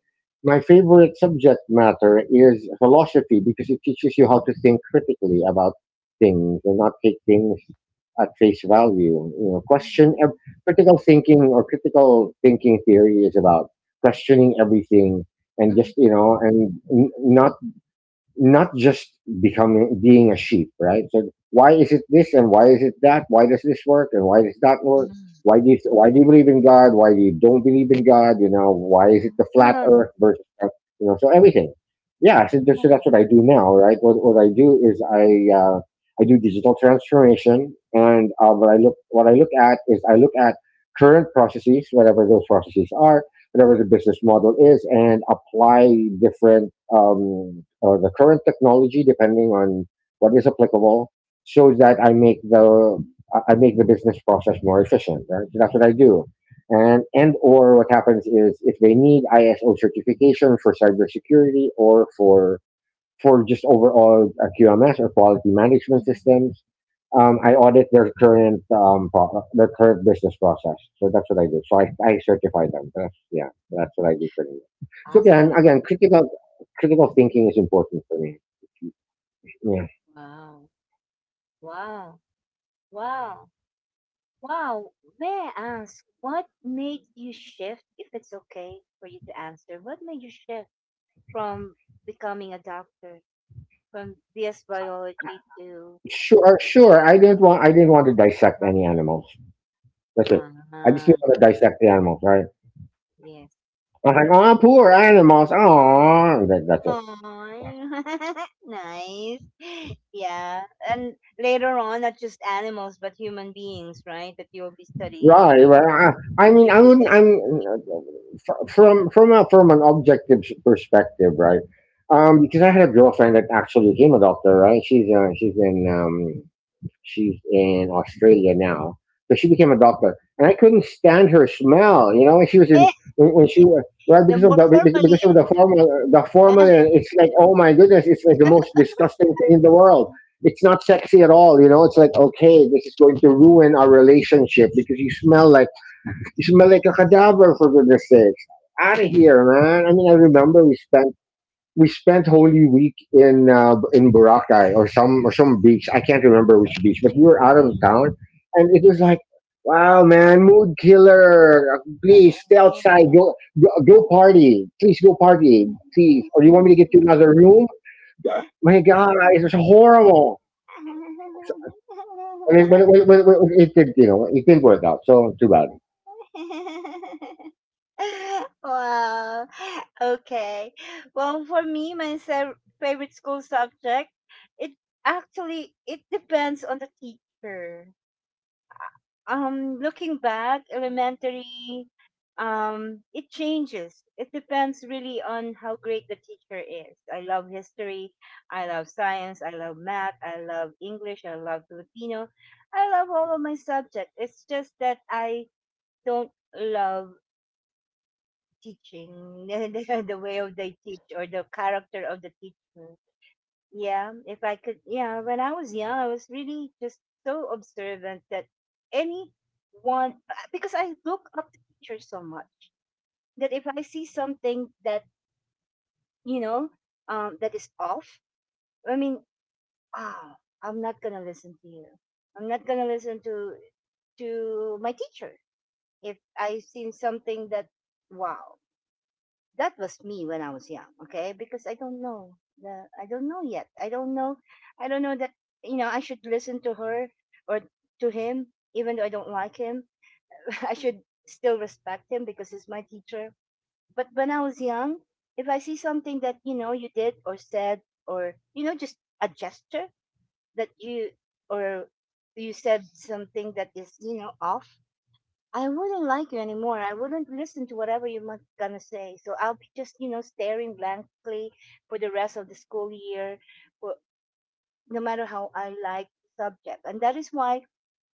my favorite subject matter is philosophy because it teaches you how to think critically about things and not take things at face value. Question Mhm. critical thinking theory is about questioning everything, and just Mhm. Not just becoming being a sheep, right? So why is it this and why is it that? Why does this work and why does that work? Why do you believe in God? Why do you don't believe in God? You know why is it the flat Awesome. Earth versus you know so everything? Yeah, so that's Oh, what I do now, right? What I do is uh, I do digital transformation, and what I look at is I look at current processes, whatever those processes are, whatever the business model is, and apply different or the current technology, depending on what is applicable, so that I make the I make the business process more efficient. Right, so that's what I do. And or what happens is if they need ISO certification for cybersecurity or for just overall QMS or quality management mhm. systems. I audit their current business process. So that's what I do. So I certify them. That's yeah, that's what I do pretty much. So again, Awesome. again, critical thinking is important for me. Yeah, Wow. Wow. Wow. Wow, may I ask, what made you shift, if it's okay for you to answer, what made you shift from becoming a doctor, from BS biology to sure, sure. I rules didn't of want I didn't want to dissect any economy? animals. That's it. I just Ah, didn't want to dissect the animals, right? yes. I was like, Yes. oh, poor animals. Oh, that's it. Aw, [LAUGHS] nice. Yeah. And later on, not just animals, but human beings, right? That you'll be studying if Right, you, right. I mean, you'll I be wouldn't. like, I'm studying. from an objective perspective, right? Because I had a girlfriend that actually became a doctor, right? She's in Australia now. So she became a doctor, and I couldn't stand her smell. You know, she was [LAUGHS] in. Yeah, When she was, right, the more because formalin. of the formula, the Yeah. formula. It's like, oh my goodness, it's like the most disgusting thing in the world. It's not sexy at all. You know, it's like, okay, this is going to ruin our relationship because you smell like a cadaver, for goodness sakes. Out of here, man. I mean, I remember we spent Holy Week in Boracay or some beach. I can't remember which beach, but we were out of town, and it was like, wow, man, mood killer. Please stay outside. [LAUGHS] Go, go, go party. Please go party. [LAUGHS] Please. Or you want me to get you another room? My God, it was horrible. I mean, but it did, you know, it didn't work out. So too bad. Wow. Okay. Well, for me, my favorite school subject, it actually it depends on the teacher. Looking back elementary, it changes, it depends really on how great the teacher is. I love history, I love science, I love math, I love English, I love Filipino, I love all of my subjects. It's just that I don't love teaching [LAUGHS] the way of the teach or the character of the teacher. Yeah, if I could, yeah, when I was young, I was really just so observant that anyone, because I look up to teachers so much that if I see something that, you know, that is off, I mean, ah, I'm not gonna listen to you. I'm not gonna listen to my teacher if I seen something that, wow, that was me when I was young, okay? Because I don't know yet. I don't know that, I should listen to her or to him, even though I don't like him. [LAUGHS] I should still respect him because he's my teacher. But when I was young, if I see something that, you did or said or, just a gesture that you or you said something that is, off, I wouldn't like you anymore. I wouldn't listen to whatever you're gonna say. So I'll be just, staring blankly for the rest of the school year, for, no matter how I like the subject. And that is why,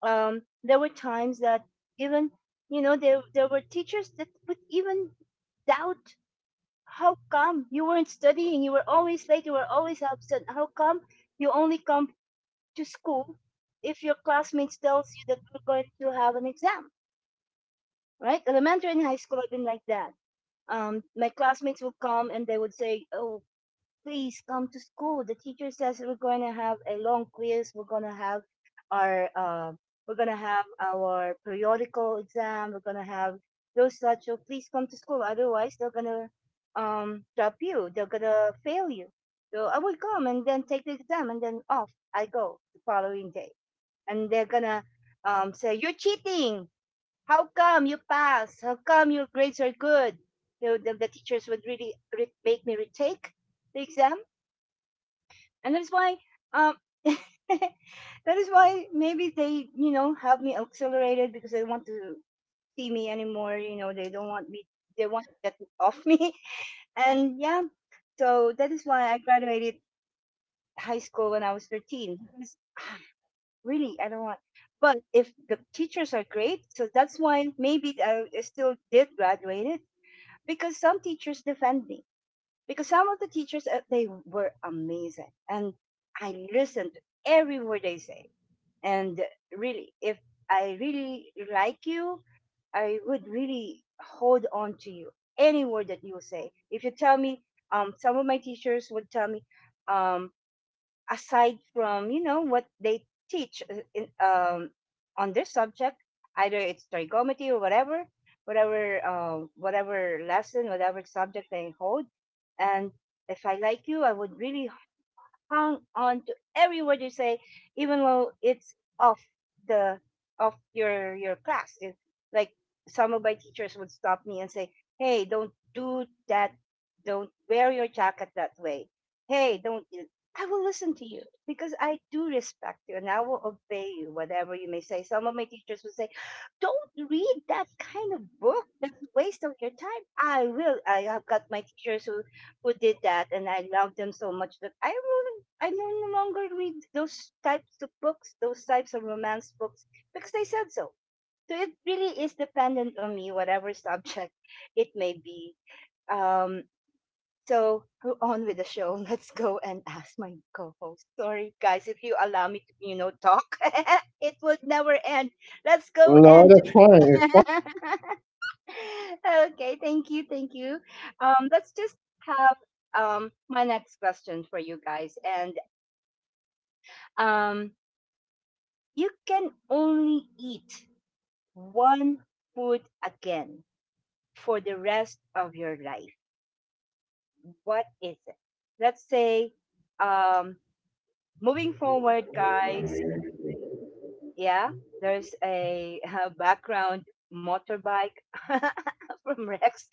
there were times that even, there were teachers that would even doubt how come you weren't studying, you were always late, you were always absent. How come you only come to school if your classmates tells you that you're going to have an exam? Right? Elementary and high school, I've been like that. My classmates would come and they would say, "Oh, please come to school. The teacher says we're going to have a long quiz. We're going to have our we're going to have our periodical exam. We're going to have those such. So please come to school. Otherwise, they're going to drop you. They're going to fail you." So I would come and then take the exam and then off I go the following day. And they're gonna, say, you're cheating, how come you passed? How come your grades are good? The teachers would really make me retake the exam. And that's why, um, [LAUGHS] that is why maybe they, have me accelerated because they want to see me anymore. You know, they don't want me, they want to get off [LAUGHS] me. And yeah, so that is why I graduated high school when I was 13. Because really, I don't want, but if the teachers are great, so that's why maybe I still did graduate because some teachers defend me because some of the teachers, they were amazing and I listened to every word they say, and really if I really like you, I would really hold on to you, any word that you say. If you tell me, some of my teachers would tell me, um, aside from, what they teach, on their subject, either it's trigonometry or whatever, whatever lesson, whatever subject they hold. And if I like you, I would really hung on to every word you say, even though it's off the of your class. Like, some of my teachers would stop me and say, "Hey, don't do that. Don't wear your jacket that way. Hey, don't." I will listen to you because I do respect you and I will obey you, whatever you may say. Some of my teachers would say, don't read that kind of book. That's a waste of your time. I will. I have got my teachers who did that, and I love them so much that I will, I no longer read those types of books, those types of romance books, because I said so. So it really is dependent on me, whatever [LAUGHS] subject it may be. Um, so go on with the show. [LAUGHS] Let's go and ask my co-host. Sorry, guys, if you allow me to, talk, [LAUGHS] it would never end. Let's go No, and that's just. fine. It's fine. [LAUGHS] Okay, thank you, thank you. Let's just have my next question for you guys, and um you can only eat one food again for the rest of your life. What is it? Let's say, um, moving forward, guys, yeah, there's a, background motorbike [LAUGHS] from Rex.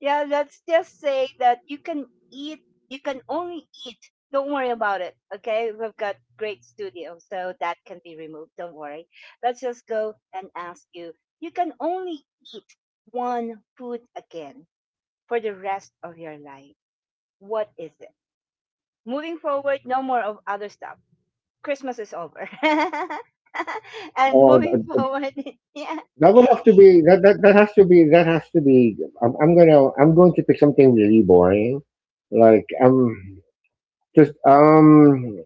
Yeah, let's just say that you can eat, you can only eat. Don't worry about it. Okay, we've got great studio, so that can be removed. Don't worry. Let's just go and ask you. You can only eat one food again for the rest of your life. What is it? Moving forward, no more of other stuff. Christmas is over. [LAUGHS] And Oh, moving forward, [LAUGHS] yeah. that would have to be, that, that that has to be that has to be. I'm going to pick something really boring, like just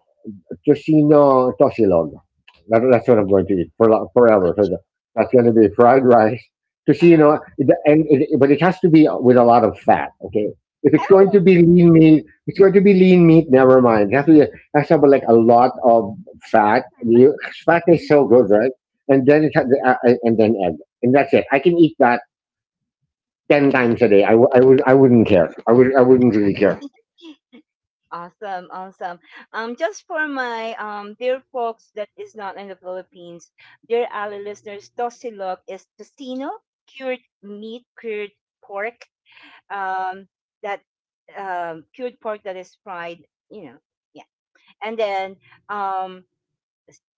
Toshino Toshilog. That's what I'm going to eat for Good forever. So job. the, that's going to be fried rice. Toshino, Uh-huh. but it has to be with a lot of fat. Okay, if it's going to Oh, be lean meat, it's going to be lean meat. Never mind. It has to have like a oh, lot of fat. that. Fat is Mhm. so good, right? And then egg, and that's it. I can eat that ten Yeah. times a day. I wouldn't care. I wouldn't really care. [LAUGHS] Awesome, awesome. Just for my dear folks that is not in the Philippines, dear Ali listeners, tosilog is tocino, cured meat, cured pork, um, that cured pork that is fried, you know, yeah. And then um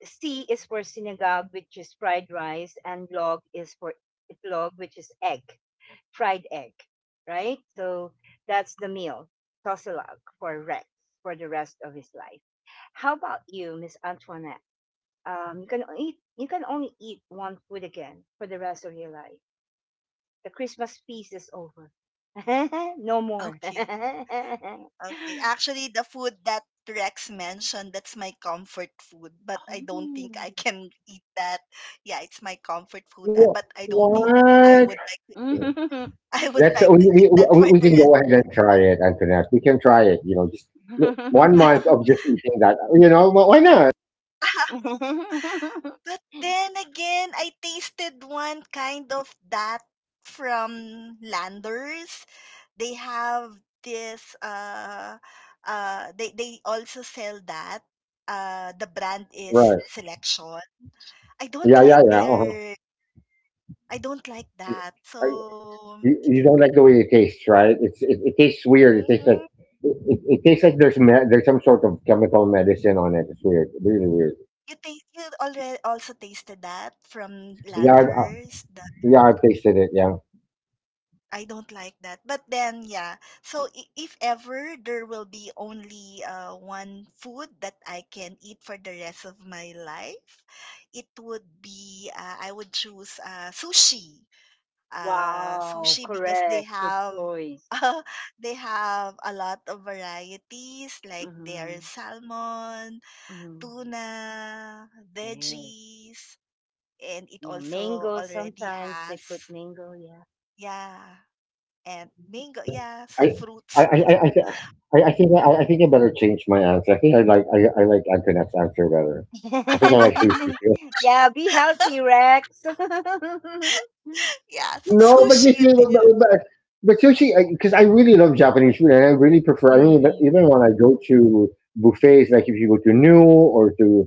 C is for sinigang, which is fried rice, and log is for itlog, which is egg, fried egg, right? So that's the meal, Tosilog for Rex for the rest of his life. How about you, Miss Antoinette? You can eat. You can only eat one food again for the rest of your life. The Christmas feast is over. [LAUGHS] No more. Okay. [LAUGHS] Okay. Actually, the food that Rex mentioned, that's my comfort food, but I don't think I Oh. can eat that. Yeah, it's my comfort food, Wha- but I don't think I What? would like to. Mm. I would That's like to eat that for we can the go ahead and try it, Antoinette. We can try it. Just one month rest. [LAUGHS] of [LAUGHS] just eating that. Why not? But [LAUGHS] then again, I tasted one kind of that from Landers. They have this they also sell that. The brand is Right? Selection. I don't Yeah, yeah, like yeah. Uh-huh. their I don't like that. I, So you don't like the way it tastes, right? It tastes weird. It tastes like mhm. it tastes like there's some sort of chemical medicine on it. It's weird, really weird. You already also tasted that from Yeah, I, I- Landers. yeah, I've tasted it. Yeah. I don't like that. But then, yeah. So, if ever there will be only one food that I can eat for the rest of my life, it would be I would choose, sushi. Wow, Sushi because they correct. Good have choice. [LAUGHS] uh, they have a lot of varieties like Mm-hmm. their salmon, Mm-hmm. tuna, Yes. veggies, and it Yeah, also mango. already Sometimes they has, put mango. Yeah. yeah, and mango. I Yeah, I so fruits. I, thi- I think I think I better change my answer. I think I like Antoinette's answer better. I think I like sushi [LAUGHS] too. Yeah. Be healthy, Rex. [LAUGHS] [LAUGHS] Yeah, so No, but you see, sushi. But, but sushi, because I 'cause I really love Japanese food, and I really prefer. I mean, even Mm-mm. when I go to buffets, like if you go to New or to,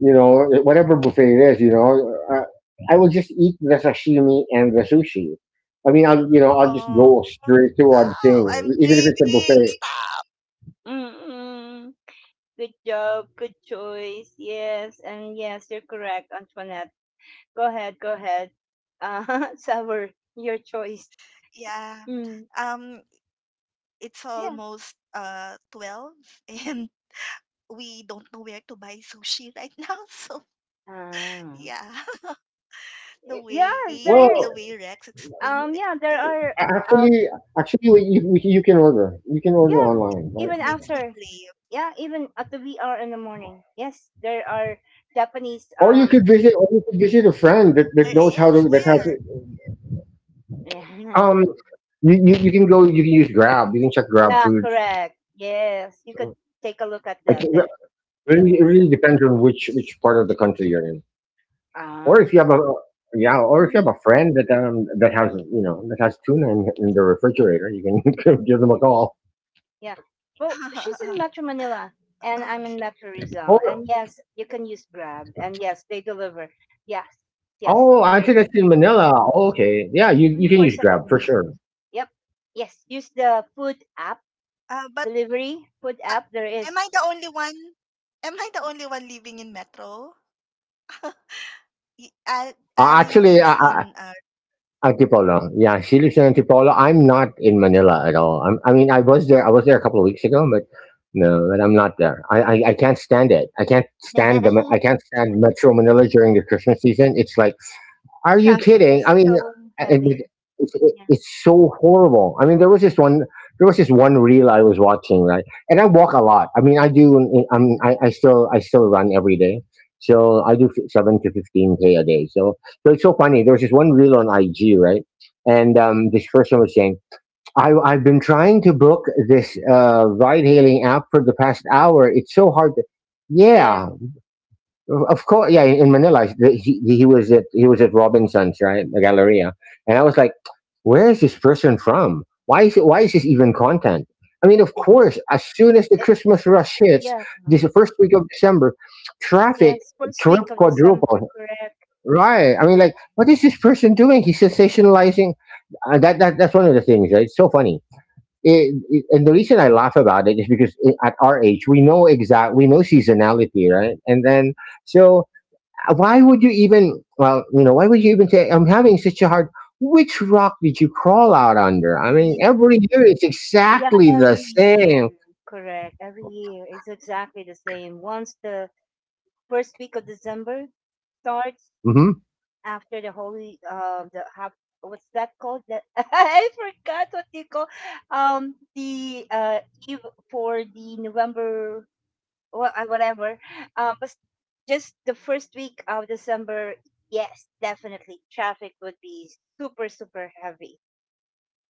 you know, whatever buffet it is, I will just eat the sashimi and the sushi. I mean, I'll just Oh, oh, go straight to one wow, thing, I'm even if it's a craving. buffet. Stop. Mm-mm. Good job. Good choice. Yes. And yes, you're correct, Antoinette. Go ahead. Go ahead. [LAUGHS] Sour, your choice. Yeah. Mm. Um, it's Yeah. almost 12 [LAUGHS] and we don't know where to buy sushi right now. [LAUGHS] So Ah. yeah, [LAUGHS] the way Yeah, the way there Well, is. Rex explained it Yeah, there are, uh, actually, actually, you can order. makes me You can order crave. yeah, online, right? even after, yeah, even at the VR in the morning. Yes, there are Japanese, Or you could visit, or you There could visit a is friend that, where. that knows how to that has [LAUGHS] yeah, Um, you can go. You can use Grab. You can check Grab yeah, Foods. correct. Yes, you could take a look at I them. can, There, Mm, yep. Really, it really depends on which part of the country you're in, or Ah, if you have a look, yeah, mm. or if you have a friend that has tuna in the refrigerator, you can [LAUGHS] give them yeah, a call. yeah. Well, she's [LAUGHS] in Metro Manila and I'm in Metro Rizal. Oh, And yes, you can use Grab. And yes, they deliver. Yes, yes, oh, I there think is that's in Manila. Oh, okay, yeah, you can use Grab 24/7. for sure. Yep. Yes, use the food app, But, delivery food uh, app there am is. I the only one? Am I the only one living in Metro? Ali Actually, lives I in Antipolo. Yeah, she lives in Antipolo. I'm not in Manila at all. I mean, I was there. I was there a couple of weeks ago, but no, but I'm not there. I can't stand it. I can't stand [LAUGHS] Metro Manila during the Christmas season. It's like, are you Traffic kidding? is I mean, so I- I- heavy. it's, it, Yeah. it's so horrible. I mean, there was this one reel I was watching, right? And I walk a lot. I mean, I do. I am I still run every day. So I do 7 to 15 k a day. So, it's so funny. There was this one reel on IG, right? And this person was saying, I've been trying to book this ride-hailing app for the past hour. It's so hard to. Yeah. Yeah, of course, yeah. In Manila, he was at Robinson's, right, the Galleria, and I was like, "Where is this person from? Why is this even content?" I mean, of [LAUGHS] course, as soon as the It, Christmas rush hits, yeah. this first week of December, traffic Yes. First week trip of December, quadruple, correct? right? I Mhm. mean, like, what is this person doing? He's sensationalizing. That's one of the things, right? It's so funny. And the reason I laugh about it is because at our age, we know seasonality, right? And then so, why would you even? Well, you know, why would you even say I'm having such a hard? Which rock did you crawl out under? I mean, every [LAUGHS] year it's Yeah, exactly the every year. same. Correct. Every year. It's exactly the same. Once the first week of December starts, Hmm. after the holy the half, what's that called? That [LAUGHS] I forgot what you call the eve for the November, whatever. But just the first week of December, yes, definitely traffic would be super, super heavy.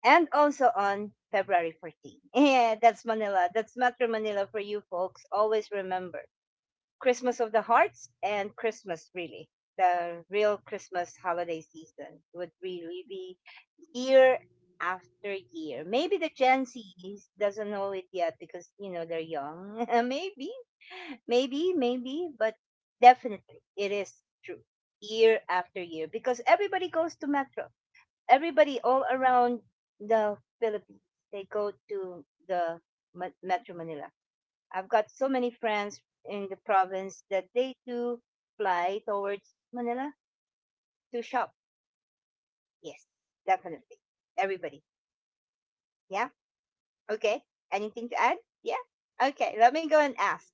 And also on February 14. [LAUGHS] Yeah, that's Manila. That's Metro Manila for you folks. Always remember Christmas of the Hearts and Christmas, really. The real Christmas holiday season would really be year after year. Maybe the Gen Z doesn't know it yet because, they're young. [LAUGHS] Maybe. Maybe, but definitely it is true year after year because everybody goes to Metro. Everybody all around the Philippines, they go to the Metro Manila. I've got so many friends in the province that they do fly towards Manila to shop. Yes, definitely. Everybody. Yeah. Okay. Anything to add? Yeah. Okay. Let me go and ask.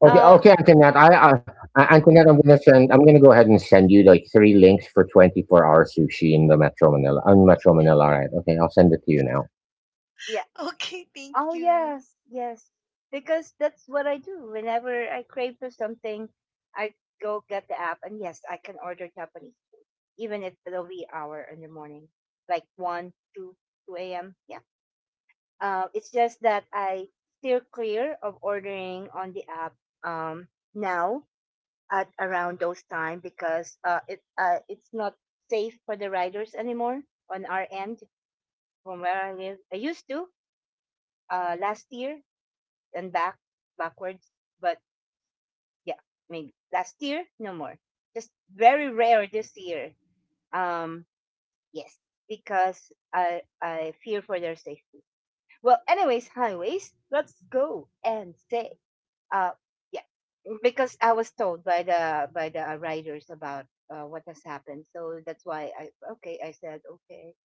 Okay, Um, okay, Antoinette. Antoinette, I'm gonna send. I'm gonna go ahead and send you like three links for 24-hour sushi in the Metro Manila. In Metro Manila, all right? Okay, I'll send it to you now. yeah. [LAUGHS] Okay, thank Oh you. yes, yes. Because that's what I do. Whenever I crave for something, I go get the app and yes, I can order Japanese food. Even if the wee hour in the morning. Like one, two, two AM. Yeah. It's just that I steer clear of ordering on the app um now at around those time because it's not safe for the riders anymore on our end from where I live. I used to, last year and backwards. But yeah, maybe last year, no more. Just very rare this year. Um, yes, because I fear for their safety. Well, anyways, highways. Let's go and say uh yeah, because I was told by the riders about what has happened. So that's why I okay. I said okay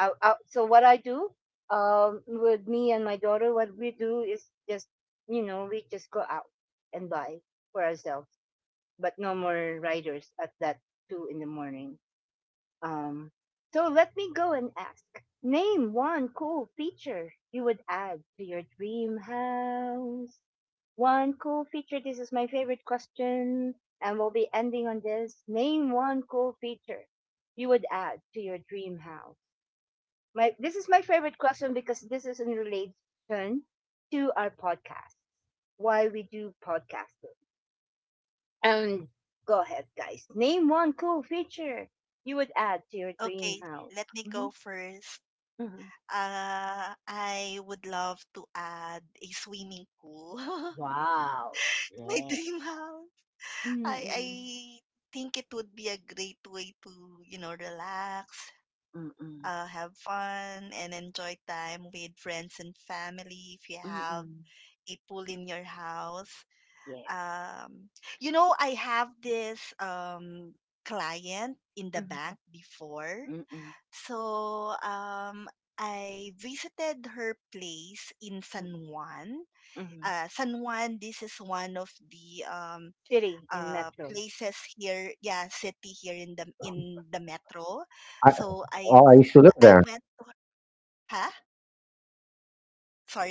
out, out. So what I do, with me and my daughter, what we do is just, we just go out and buy for ourselves, but no more riders at that two in the morning. Um, so let me go and ask. Name one cool feature you would add to your dream house. One cool feature. This is my favorite question, and we'll be ending on this. Name one cool feature you would add to your dream house. My this is my favorite question because this is in relation to our podcast. Why we do podcasting. And go ahead, guys. Name one cool feature you would add to your dream Okay, house. let me Hmm. go first. Mm-hmm. I would love to add a swimming pool. [LAUGHS] Wow. My Yeah. dream house. I Mm-mm. I think it would be a great way to, you know, relax, Mm-mm. Have fun, and enjoy time with friends and family if you have Mm-mm. a pool in your house. Yeah. Um, I have this client in the Mm-mm. bank before. Mm-mm. So, I visited her place in San Mm-mm. Juan. Mm-mm. San Juan, this is one of the City in Metro. places here, yeah, city here in the metro. I, So oh, I used to live I there. went to Huh?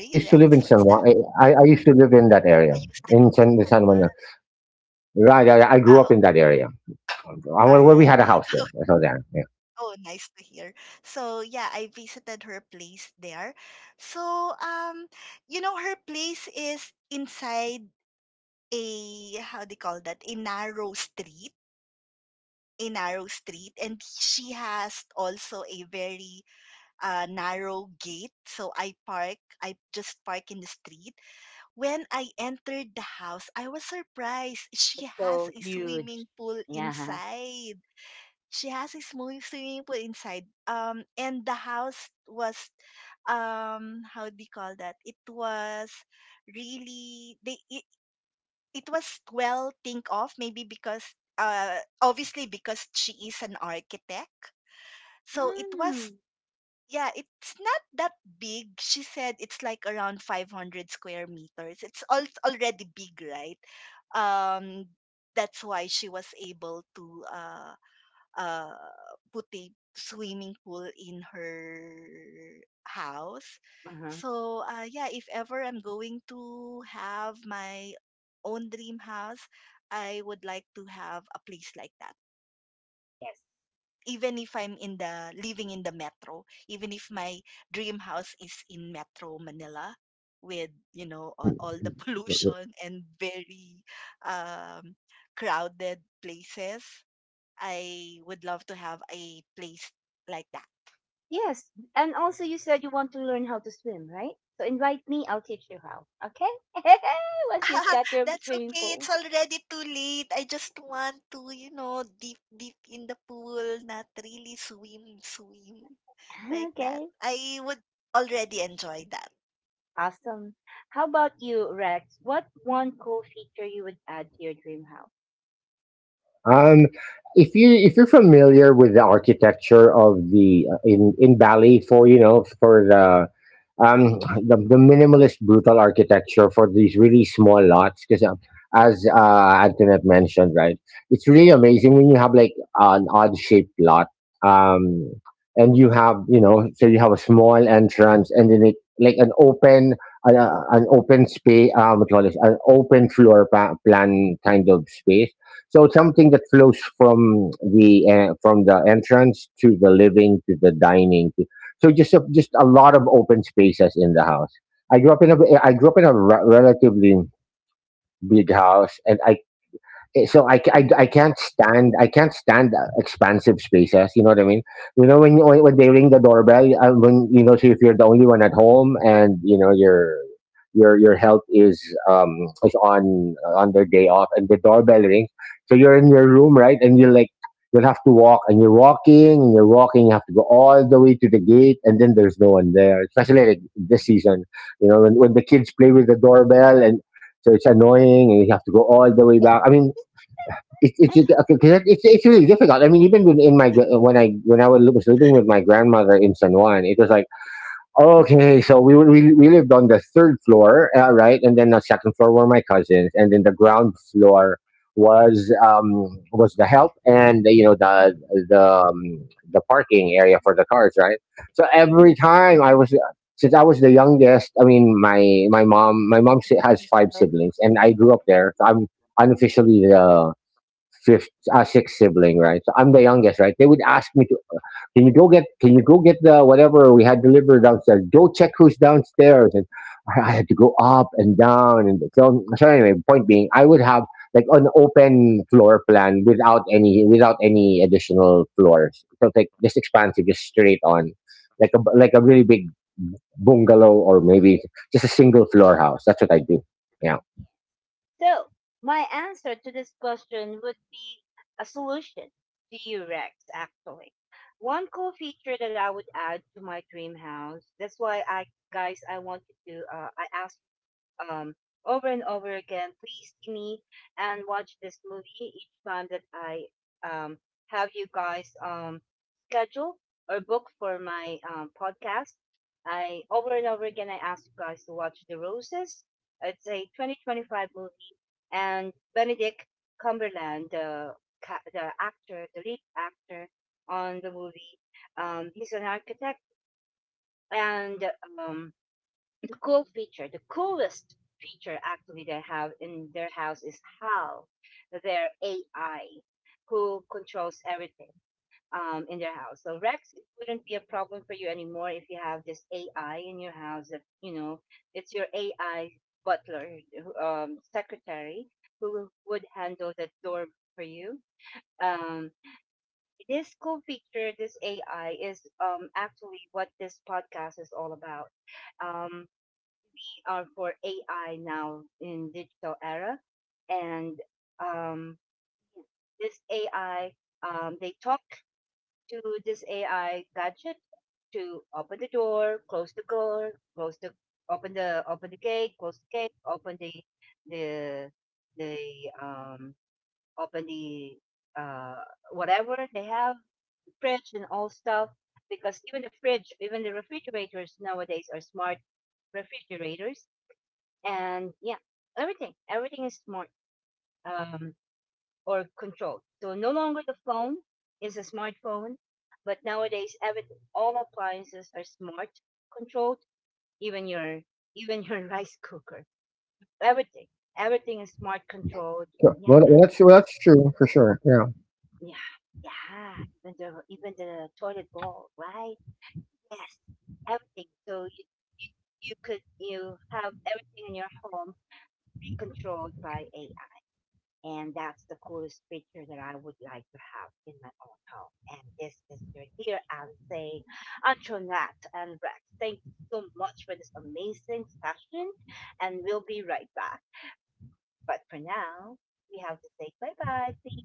I used to live in Rex, San what's Juan. that? I used to live in that I area used to in live in San San San Juan. Juan. Right, I grew Ah, up oh, in that area. I, all well, we right. had a house there. [LAUGHS] So there. Yeah. Oh, nice to hear. So, yeah, I visited her place there. So, um, her place is inside a, how do you call that, a narrow street, a narrow street. And she has also a very narrow gate. I just park in the street. When I entered the house, I was surprised. She It's so has a huge. swimming pool Yeah. inside. She has a small swimming pool inside. And the house was, how do you call that? It was really they. It was well think of, maybe because obviously because she is an architect. So it was Mm. Yeah, it's not that big. She said it's like around 500 square meters. It's already big, right? Um, that's why she was able to uh, put a swimming pool in her house. Uh-huh. So, yeah, if ever I'm going to have my own dream house, I would like to have a place like that. Yes. Even if I'm in the living in the metro, even if my dream house is in Metro Manila with, you know, Mhm. all the [LAUGHS] pollution and very um crowded places, I would love to have a place like that. Yes, and also you said you want to learn how to swim, right? So invite me, I'll teach you how. Okay? [LAUGHS] Once you've got your That's swimming okay. pool. It's already too late. I just want to, you know, deep deep in the pool, not really swim, swim [LAUGHS] [LAUGHS] like that. Okay, I would already enjoy that. awesome. How about you, Rex? What one cool feature you would add to your dream house? Um, if you if you're familiar with the architecture of the in Bali for you know for the um the minimalist brutal architecture for these really small lots because, as Antoinette mentioned, right, it's really amazing when you have like an odd shaped lot, um and you have, so you have a small entrance and then it like an open space, what do you call this, an open floor plan kind of space. So something that flows from the entrance to the living to the dining. So just a lot of open spaces in the house. I grew up in a I grew up in a relatively big house, and so I, I, Mhm. I can't stand I can't stand expansive spaces. You know what I mean? You know when when they ring the doorbell, so if you're the only one at home and your help um is on their day off and the doorbell rings, so you're in your room, right, and you're like you'll have to walk and you're walking and you're walking. You have to go all the way to the gate, and then there's no one there. Especially like this season, you know when the kids play with the doorbell, and so it's annoying and you have to go all the way Yes. back. I mean, okay, 'cause it's really difficult. I mean, even when in my gr- when I was li- was living with my grandmother in San Juan, it was like, okay, so we lived on the third floor, right, and then the second floor were my cousins, and then the ground floor was um was the help and the, you know the um, the parking area for the cars, right. So every time I was since I was the youngest, I mean my mom has five Yes. So siblings, and I grew up there. So I'm unofficially the fifth, sixth sibling, right? So I'm the youngest, right? They would ask me to, can you go get the whatever we had delivered downstairs? Go check who's downstairs, and I had to go up and down, and so, anyway. Point being, I would have like an open floor plan without any additional floors. So like just expansive, just straight on, like a really big bungalow or maybe just a single floor house. That's what I do. Yeah. so my answer to this question would be a solution to you, Rex, actually. One cool feature that I would add to my dream house. That's why I guys I wanted to, I asked, um, over and over again. Please see me and watch this movie each time that I, um, have you guys, schedule or book for my, podcast. I over and over again I ask you guys to watch The Roses. It's a 2025 movie, and Benedict Cumberland, the the actor, the lead actor on the movie, he's an architect, and um, cool feature, the coolest feature actually they have in their house is how their AI, who controls everything, in their house. So Rex, it wouldn't be a problem for you anymore if you have this AI in your house that you know it's your AI butler, secretary, who would handle the door for you. Um, this cool feature, this AI, is actually what this podcast is all about. Um, are for AI now in digital era, and um, this AI, they talk to this AI gadget to open the door, close the door, close the open the open the gate, close the gate, open the the the um open the uh whatever they have, the fridge and all stuff. Because even the fridge, even the refrigerators nowadays are smart refrigerators and yeah, everything, everything is smart, um, or controlled. So no longer the phone is a smartphone, but nowadays everything, all appliances are smart controlled. Even your even your [LAUGHS] rice cooker, everything, everything is smart controlled. Sure. Yeah, Well, that's true for sure. Yeah. yeah, yeah. Even the toilet bowl, right? Yes, everything. So you, you could you have everything in your home be controlled by AI. And that's the coolest picture that I would like to have in my own home. And this is your here. I'm saying Antoinette and Rex, thank you so much for this amazing session. And we'll be right back. But for now, we have to say bye bye. Please,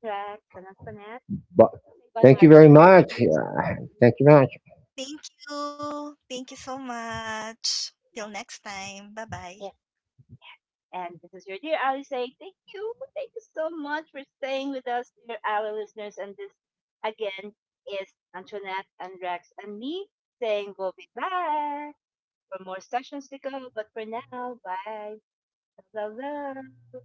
Rex and Antoinette. But Say bye thank bye you to very our dear much. Yeah. listeners. And Thank you very much. Thank you. Thank you so much. Till next time. Bye bye. And this is your dear Ali saying thank you. Thank you so much for staying with us, dear Ali listeners. And this again is Antoinette and Rex and me saying we'll be back for more sessions to go. But for now, bye. Love, love, love.